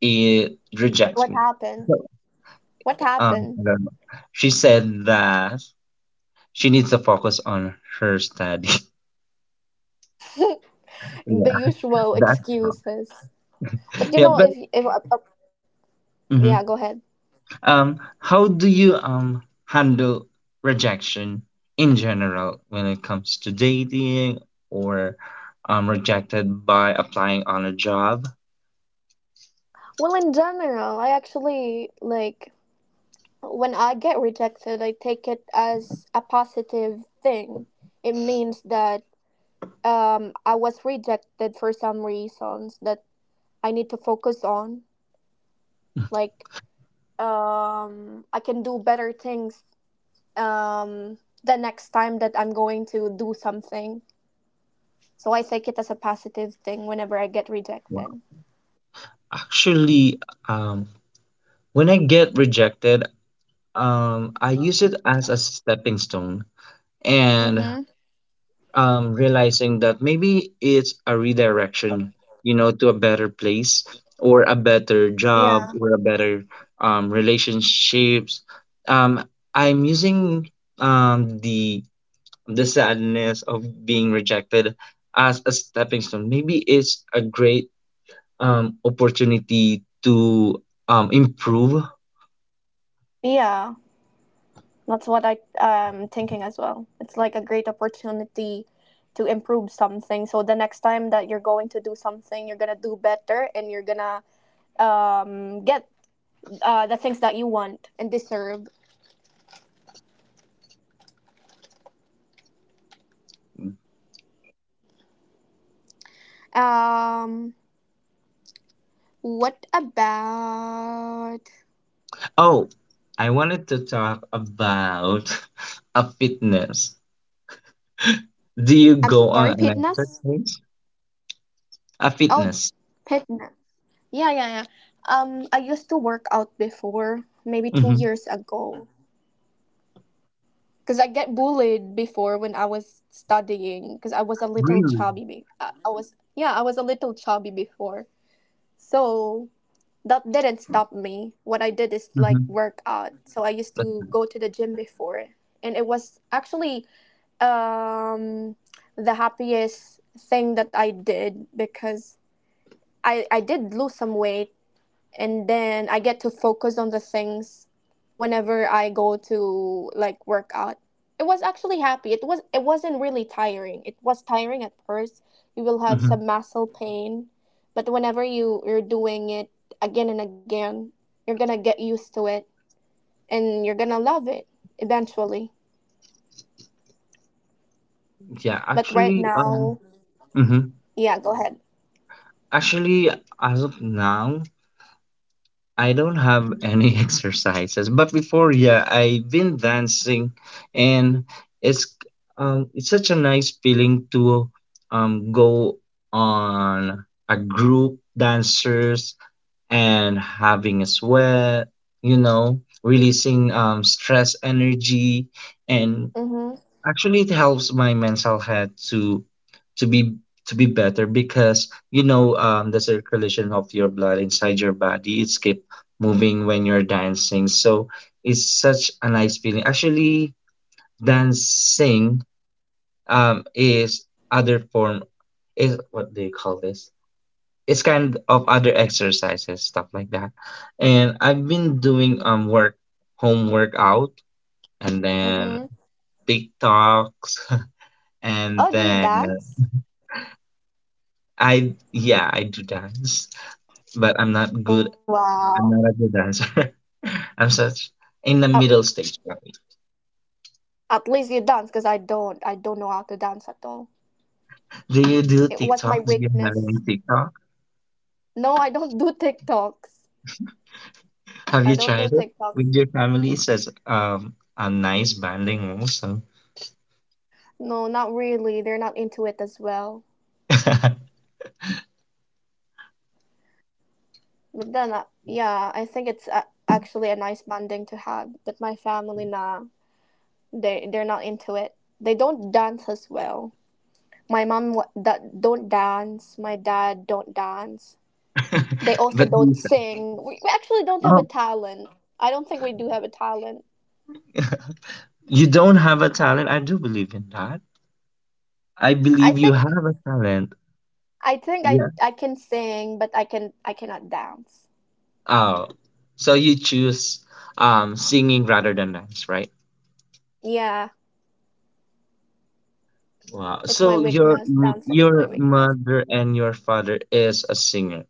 Speaker 2: it rejects
Speaker 1: What
Speaker 2: me.
Speaker 1: happened? What
Speaker 2: Um,
Speaker 1: happened?
Speaker 2: I don't know. She said that she needs to focus on her study.
Speaker 1: The
Speaker 2: Yeah,
Speaker 1: usual
Speaker 2: that's wrong.
Speaker 1: excuses. But you
Speaker 2: Yeah,
Speaker 1: know,
Speaker 2: but
Speaker 1: if if uh, uh, yeah, go
Speaker 2: mhm.
Speaker 1: ahead.
Speaker 2: Um, how do you, um handle rejection in general when it comes to dating or, um rejected by applying on a job?
Speaker 1: Well, in general, I actually like when I get rejected, I take it as a positive thing. It means that um I was rejected for some reasons that I need to focus on. Like um I can do better things um the next time that I'm going to do something. So I take it as a positive thing whenever I get
Speaker 2: Well,
Speaker 1: rejected.
Speaker 2: actually, um, when I get rejected, um, I use it as a stepping stone and,
Speaker 1: Mm-hmm.
Speaker 2: um, realizing that maybe it's a redirection, you know, to a better place or a better
Speaker 1: Yeah.
Speaker 2: job or a better, um, relationships. Um, I'm using, um, the the sadness of being rejected as a stepping stone. Maybe it's a great, um, opportunity to, um, improve.
Speaker 1: Yeah. That's what I um, thinking as well. It's like a great opportunity to improve something. So the next time that you're going to do something, you're going to do better and you're going to um, get uh, the things that you want and deserve. Um, what about.
Speaker 2: Oh, I wanted to talk about a fitness. Do you
Speaker 1: I'm
Speaker 2: go
Speaker 1: sorry,
Speaker 2: on an
Speaker 1: Pitness?
Speaker 2: exercise? A
Speaker 1: Oh,
Speaker 2: fitness.
Speaker 1: Pitness. Yeah, yeah, yeah. Um, I used to work out before, maybe
Speaker 2: Mm-hmm.
Speaker 1: two years ago, because I get bullied before when I was studying, because I was a little
Speaker 2: Really?
Speaker 1: chubby. Be- I, I was yeah, I was a little chubby before, so that didn't stop me. What I did is like
Speaker 2: Mm-hmm.
Speaker 1: work out. So I used to go to the gym before, and it was actually um the happiest thing that I did because I I did lose some weight and then I get to focus on the things whenever I go to like work out. It was actually happy. It was it wasn't really tiring. It was tiring at first. You will have some
Speaker 2: Hmm.
Speaker 1: muscle pain, but whenever you you're doing it again and again, you're gonna get used to it and you're gonna love it eventually.
Speaker 2: Yeah,
Speaker 1: But right
Speaker 2: actually, um,
Speaker 1: now,
Speaker 2: mhm.
Speaker 1: yeah, go ahead.
Speaker 2: Actually, as of now, I don't have any exercises. But before, yeah, I've been dancing, and it's um, it's such a nice feeling to um go on a group dancers and having a sweat, you know, releasing um, stress energy, and
Speaker 1: Mhm.
Speaker 2: actually it helps my mental health to to be to be better because you know um, the circulation of your blood inside your body it's keep moving when you're dancing, so it's such a nice feeling. Actually, dancing um, is other form is what they call this it's kind of other exercises stuff like that, and I've been doing um work home workout, and then
Speaker 1: Mhm.
Speaker 2: tiktoks. And
Speaker 1: Oh, do you
Speaker 2: then
Speaker 1: dance?
Speaker 2: i, yeah, I do dance, but I'm not good.
Speaker 1: Wow.
Speaker 2: I'm not a good dancer. I'm such in the
Speaker 1: At,
Speaker 2: middle stage, right?
Speaker 1: at least you dance, because I don't. I don't know how to dance at all.
Speaker 2: Do you do
Speaker 1: It was
Speaker 2: tiktok?
Speaker 1: my
Speaker 2: Do you have any
Speaker 1: weakness.
Speaker 2: tiktok?
Speaker 1: No, I don't do TikToks.
Speaker 2: Have
Speaker 1: I
Speaker 2: you
Speaker 1: don't do
Speaker 2: tried it
Speaker 1: TikTok.
Speaker 2: with your family? It says um a nice banding also.
Speaker 1: No, not really. They're not into it as well. But then, uh, yeah, I think it's a- actually a nice bonding to have. But my family, nah, they they're not into it. They don't dance as well. My mom wa- da- don't dance. My dad don't dance. They
Speaker 2: But
Speaker 1: also don't sing. We, we actually don't have a
Speaker 2: oh.
Speaker 1: talent. I don't think we do have a talent.
Speaker 2: You don't have a talent. I do believe in that. I
Speaker 1: I
Speaker 2: believe you
Speaker 1: think
Speaker 2: have a talent.
Speaker 1: I think
Speaker 2: Yeah.
Speaker 1: I I can sing, but I can I cannot dance.
Speaker 2: Oh, so you choose um singing rather than dance, right?
Speaker 1: Yeah,
Speaker 2: Wow.
Speaker 1: it's my
Speaker 2: So your
Speaker 1: weakness.
Speaker 2: m-
Speaker 1: Dancing is my
Speaker 2: your
Speaker 1: weakness.
Speaker 2: mother and your father is a singer.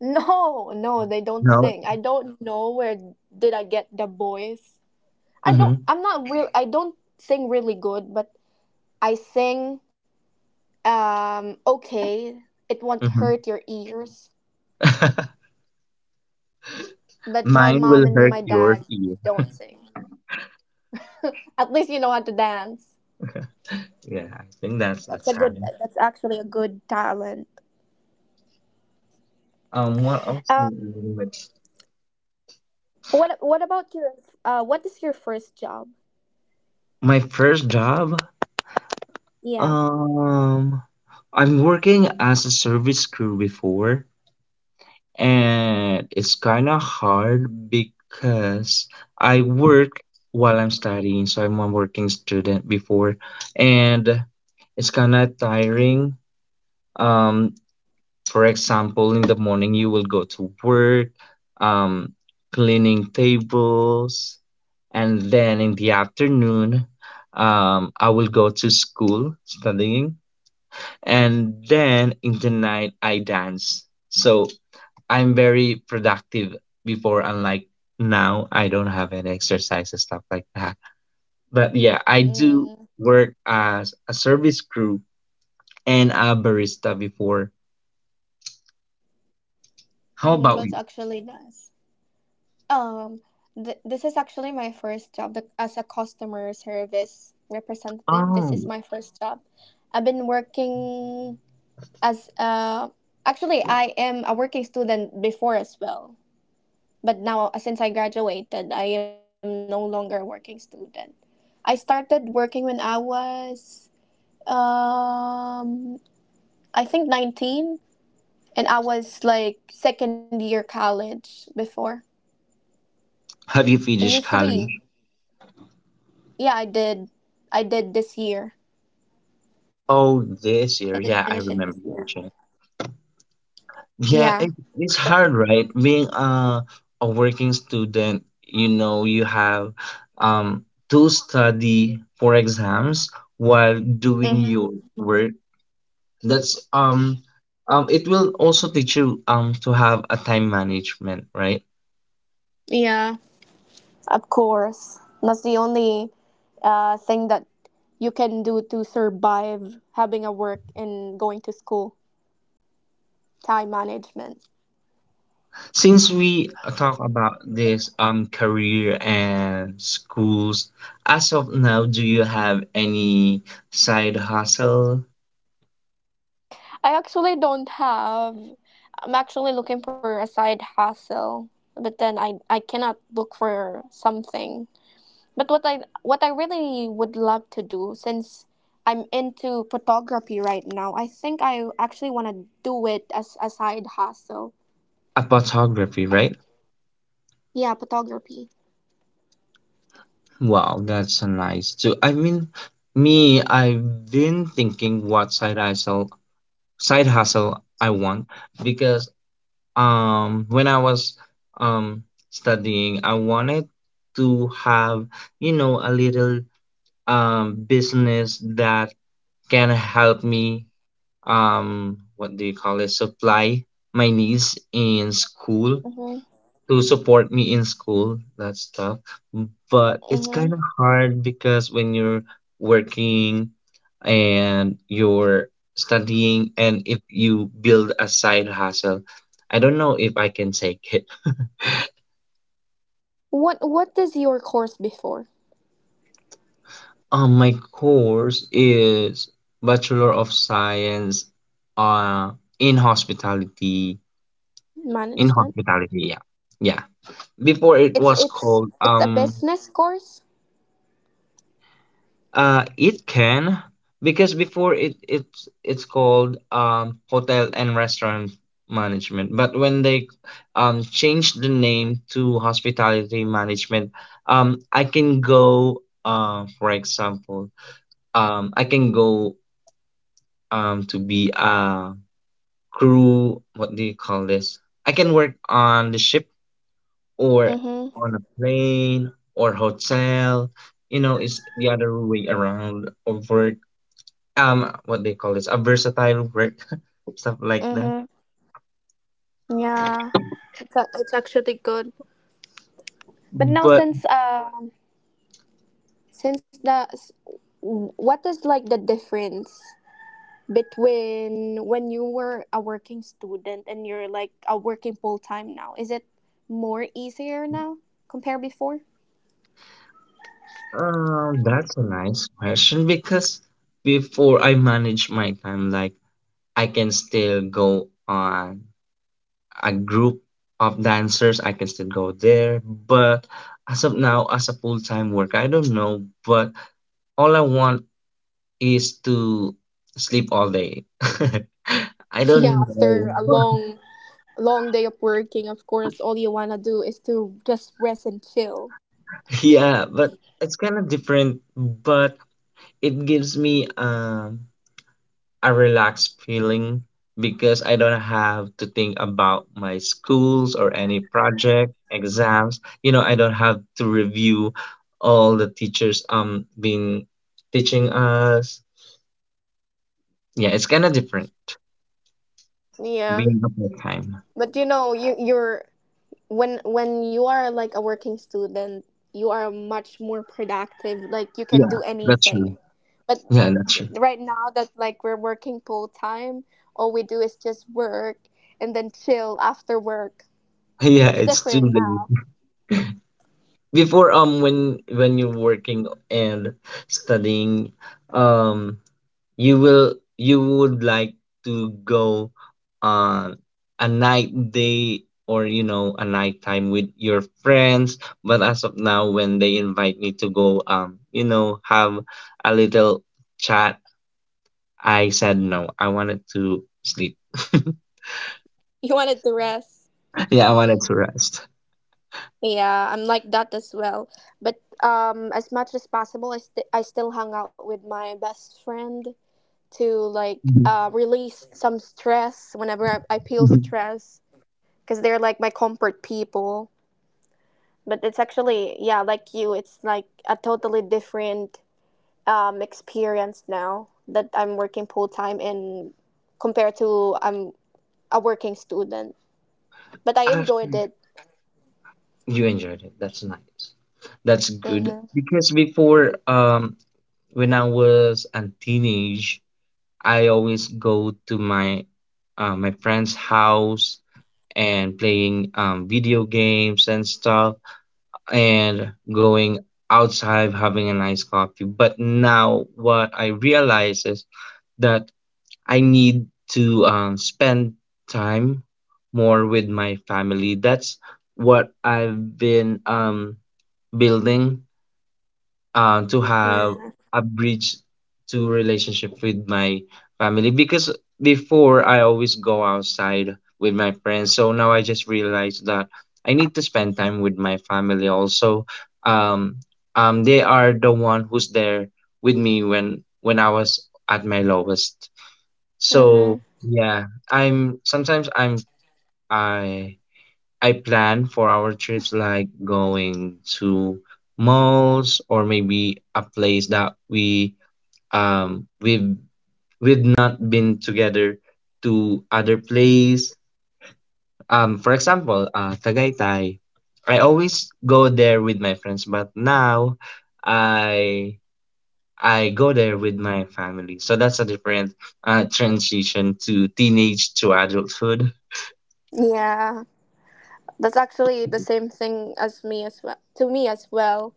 Speaker 1: No, no, they don't
Speaker 2: No.
Speaker 1: sing. I don't know where did I get the voice. I don't
Speaker 2: Mm-hmm.
Speaker 1: I'm not real I don't sing really good, but I sing um okay. It won't
Speaker 2: Mm-hmm.
Speaker 1: hurt your ears. But my
Speaker 2: Mine will
Speaker 1: mom and
Speaker 2: hurt
Speaker 1: my
Speaker 2: yours
Speaker 1: dad
Speaker 2: ear.
Speaker 1: don't sing. At least you know how to dance.
Speaker 2: Yeah, I think that's the
Speaker 1: That's a good
Speaker 2: time.
Speaker 1: that's actually a good talent.
Speaker 2: Um, what else? Do
Speaker 1: Um
Speaker 2: you do with-
Speaker 1: what what about your uh what is your first job?
Speaker 2: My first job.
Speaker 1: Yeah.
Speaker 2: Um, I'm working as a service crew before, and it's kind of hard because I work while I'm studying, so I'm a working student before, and it's kind of tiring. Um, for example, in the morning you will go to work, um, cleaning tables, and then in the afternoon, um, I will go to school studying, and then in the night I dance. So I'm very productive before, unlike now, I don't have any exercise and stuff like that. But yeah, I do
Speaker 1: Mm,
Speaker 2: work as a service crew and a barista before. How
Speaker 1: mm,
Speaker 2: about
Speaker 1: that's
Speaker 2: you?
Speaker 1: actually nice. Um, th- this is actually my first job the- as a customer service representative. This is
Speaker 2: Oh,
Speaker 1: my first job. I've been working as uh actually I am a working student before as well. But now uh, since I graduated, I am no longer a working student. I started working when I was um I think nineteen, and I was like second year college before.
Speaker 2: have
Speaker 1: It
Speaker 2: you
Speaker 1: used to
Speaker 2: finished
Speaker 1: be.
Speaker 2: college?
Speaker 1: Yeah, I did. I did this year.
Speaker 2: Oh,
Speaker 1: I
Speaker 2: this
Speaker 1: did
Speaker 2: year. Yeah,
Speaker 1: finish
Speaker 2: I
Speaker 1: it this
Speaker 2: remember
Speaker 1: year.
Speaker 2: you mentioned. Yeah,
Speaker 1: Yeah.
Speaker 2: it, it's
Speaker 1: So.
Speaker 2: hard, right? Being a a working student, you know, you have um to study for exams while doing
Speaker 1: Hmm.
Speaker 2: your work. That's um um It will also teach you um to have a time management, right?
Speaker 1: Yeah. Of course. That's the only uh, thing that you can do to survive having a work and going to school. Time management.
Speaker 2: Since we talk about this um career and schools, as of now, do you have any side hustle?
Speaker 1: I actually don't have. I'm actually looking for a side hustle, but then I I cannot look for something. But what I what I really would love to do since I'm into photography right now, I think I actually want to do it as a side hustle.
Speaker 2: A photography, right?
Speaker 1: Yeah, photography.
Speaker 2: Wow, that's a nice too. I mean, me, I've been thinking what side hustle side hustle I want because um when I was um studying, I wanted to have, you know, a little um business that can help me, um what do you call it? Supply my needs in school,
Speaker 1: Mhm.
Speaker 2: to support me in school, that stuff. But it's
Speaker 1: Mhm.
Speaker 2: kind of hard because when you're working and you're studying and if you build a side hustle, I don't know if I can take it.
Speaker 1: What What is your course before
Speaker 2: Um, my course is Bachelor of Science, uh, in hospitality. In
Speaker 1: management?
Speaker 2: hospitality, yeah. Yeah. Before it
Speaker 1: It's
Speaker 2: was
Speaker 1: it's
Speaker 2: called
Speaker 1: it's a
Speaker 2: um
Speaker 1: business course.
Speaker 2: uh it can because before it it's it's called um hotel and restaurant management. But when they um changed the name to hospitality management, um, I can go, uh, for example, um, I can go um to be a crew, what do you call this, I can work on the ship or
Speaker 1: Mhm.
Speaker 2: on a plane or hotel, you know, it's the other way around of work, um what they call this, a versatile work. Stuff like that.
Speaker 1: Mhm. Yeah. It's a, it's actually good. But now
Speaker 2: But
Speaker 1: since um since the s- what is like the difference between when you were a working student and you're like a working full time now, is it more easier now compared before?
Speaker 2: um, that's a nice question because before I manage my time like I can still go on a group of dancers, I can still go there. But as of now, as a full time work, I don't know. But all I want is to sleep all day. I
Speaker 1: Yeah,
Speaker 2: don't
Speaker 1: after
Speaker 2: know,
Speaker 1: a
Speaker 2: but-
Speaker 1: long long day of working, of course all you want to do is to just rest and chill.
Speaker 2: Yeah, but it's kind of different, but it gives me um a relaxed feeling because I don't have to think about my schools or any project, exams. You know, I don't have to review all the teachers um being teaching us. Yeah, it's kind of different
Speaker 1: Yeah,
Speaker 2: being a part-time.
Speaker 1: but you know you you're when when you are like a working student, you are much more productive, like you can
Speaker 2: Yeah,
Speaker 1: do
Speaker 2: that's true.
Speaker 1: anything, but
Speaker 2: Yeah, that's true.
Speaker 1: right now that like we're working full time, all we do is just work and then chill after work.
Speaker 2: Yeah,
Speaker 1: It's
Speaker 2: it's too
Speaker 1: different
Speaker 2: late.
Speaker 1: now.
Speaker 2: Before, um when when you're working and studying, um you will you would like to go on a night day, or you know, a night time with your friends. But as of now, when they invite me to go, um, you know, have a little chat, I said no, I wanted to sleep.
Speaker 1: You wanted to rest.
Speaker 2: Yeah, I wanted to rest.
Speaker 1: Yeah, I'm like that as well. But um, as much as possible, I st- I still hung out with my best friend to like
Speaker 2: Mhm,
Speaker 1: uh, release some stress whenever I, I feel
Speaker 2: mhm.
Speaker 1: stress because they're like my comfort people. But it's actually yeah, like you, it's like a totally different um experience now that I'm working full time in compared to I'm a working student. But I enjoyed
Speaker 2: Actually,
Speaker 1: it.
Speaker 2: you enjoyed it, that's nice, that's good,
Speaker 1: Mhm.
Speaker 2: because before, um when I was a teenage, I always go to my uh, my friend's house and playing um, video games and stuff, and going outside having a nice coffee. But now what I realize is that I need to, um, spend time more with my family. That's what I've been, um, building, uh, to have
Speaker 1: Mhm.
Speaker 2: a bridge to relationship with my family, because before I always go outside with my friends. So now I just realized that I need to spend time with my family also. Um, um, they are the one who's there with me when when I was at my lowest. So
Speaker 1: Mhm.
Speaker 2: yeah, I'm sometimes I'm I I plan for our trips like going to malls or maybe a place that we um we've we've not been together to other place. Um, for example, uh, Tagaytay. I always go there with my friends, but now I I go there with my family. So that's a different, uh, transition to teenage to adulthood.
Speaker 1: Yeah, that's actually the same thing as me as well. To me as well.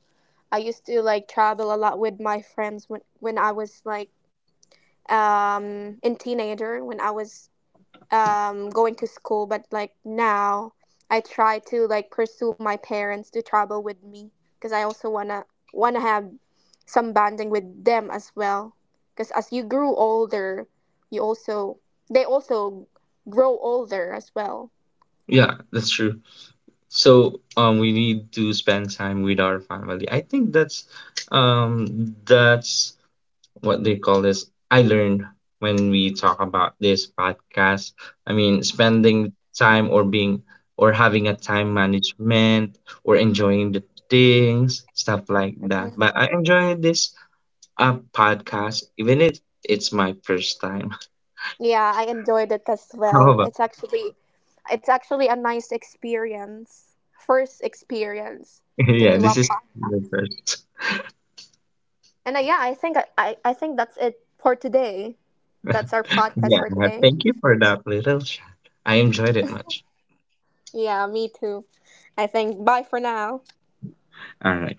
Speaker 1: I used to like travel a lot with my friends when when I was like um in teenager when I was um going to school, but like now I try to like pursue my parents to travel with me because I also wanna wanna have some bonding with them as well, because as you grew older, you also they also grow older as well.
Speaker 2: Yeah, that's true. So um, we need to spend time with our family. I think that's, um that's what they call this, I learned when we talk about this podcast. I mean spending time, or being, or having a time management, or enjoying the things, stuff like that.
Speaker 1: Mhm.
Speaker 2: But I enjoy this uh, podcast, even if it's my first time.
Speaker 1: Yeah, I enjoyed it as well.
Speaker 2: However.
Speaker 1: It's actually it's actually a nice experience, first experience to
Speaker 2: Yeah,
Speaker 1: do a
Speaker 2: this is
Speaker 1: podcast.
Speaker 2: the first.
Speaker 1: And uh, yeah, I think I, I I think that's it for today. That's our podcast
Speaker 2: Yeah,
Speaker 1: for today.
Speaker 2: thank you for that little chat. I enjoyed it much.
Speaker 1: Yeah, me too. I think bye for now.
Speaker 2: All right.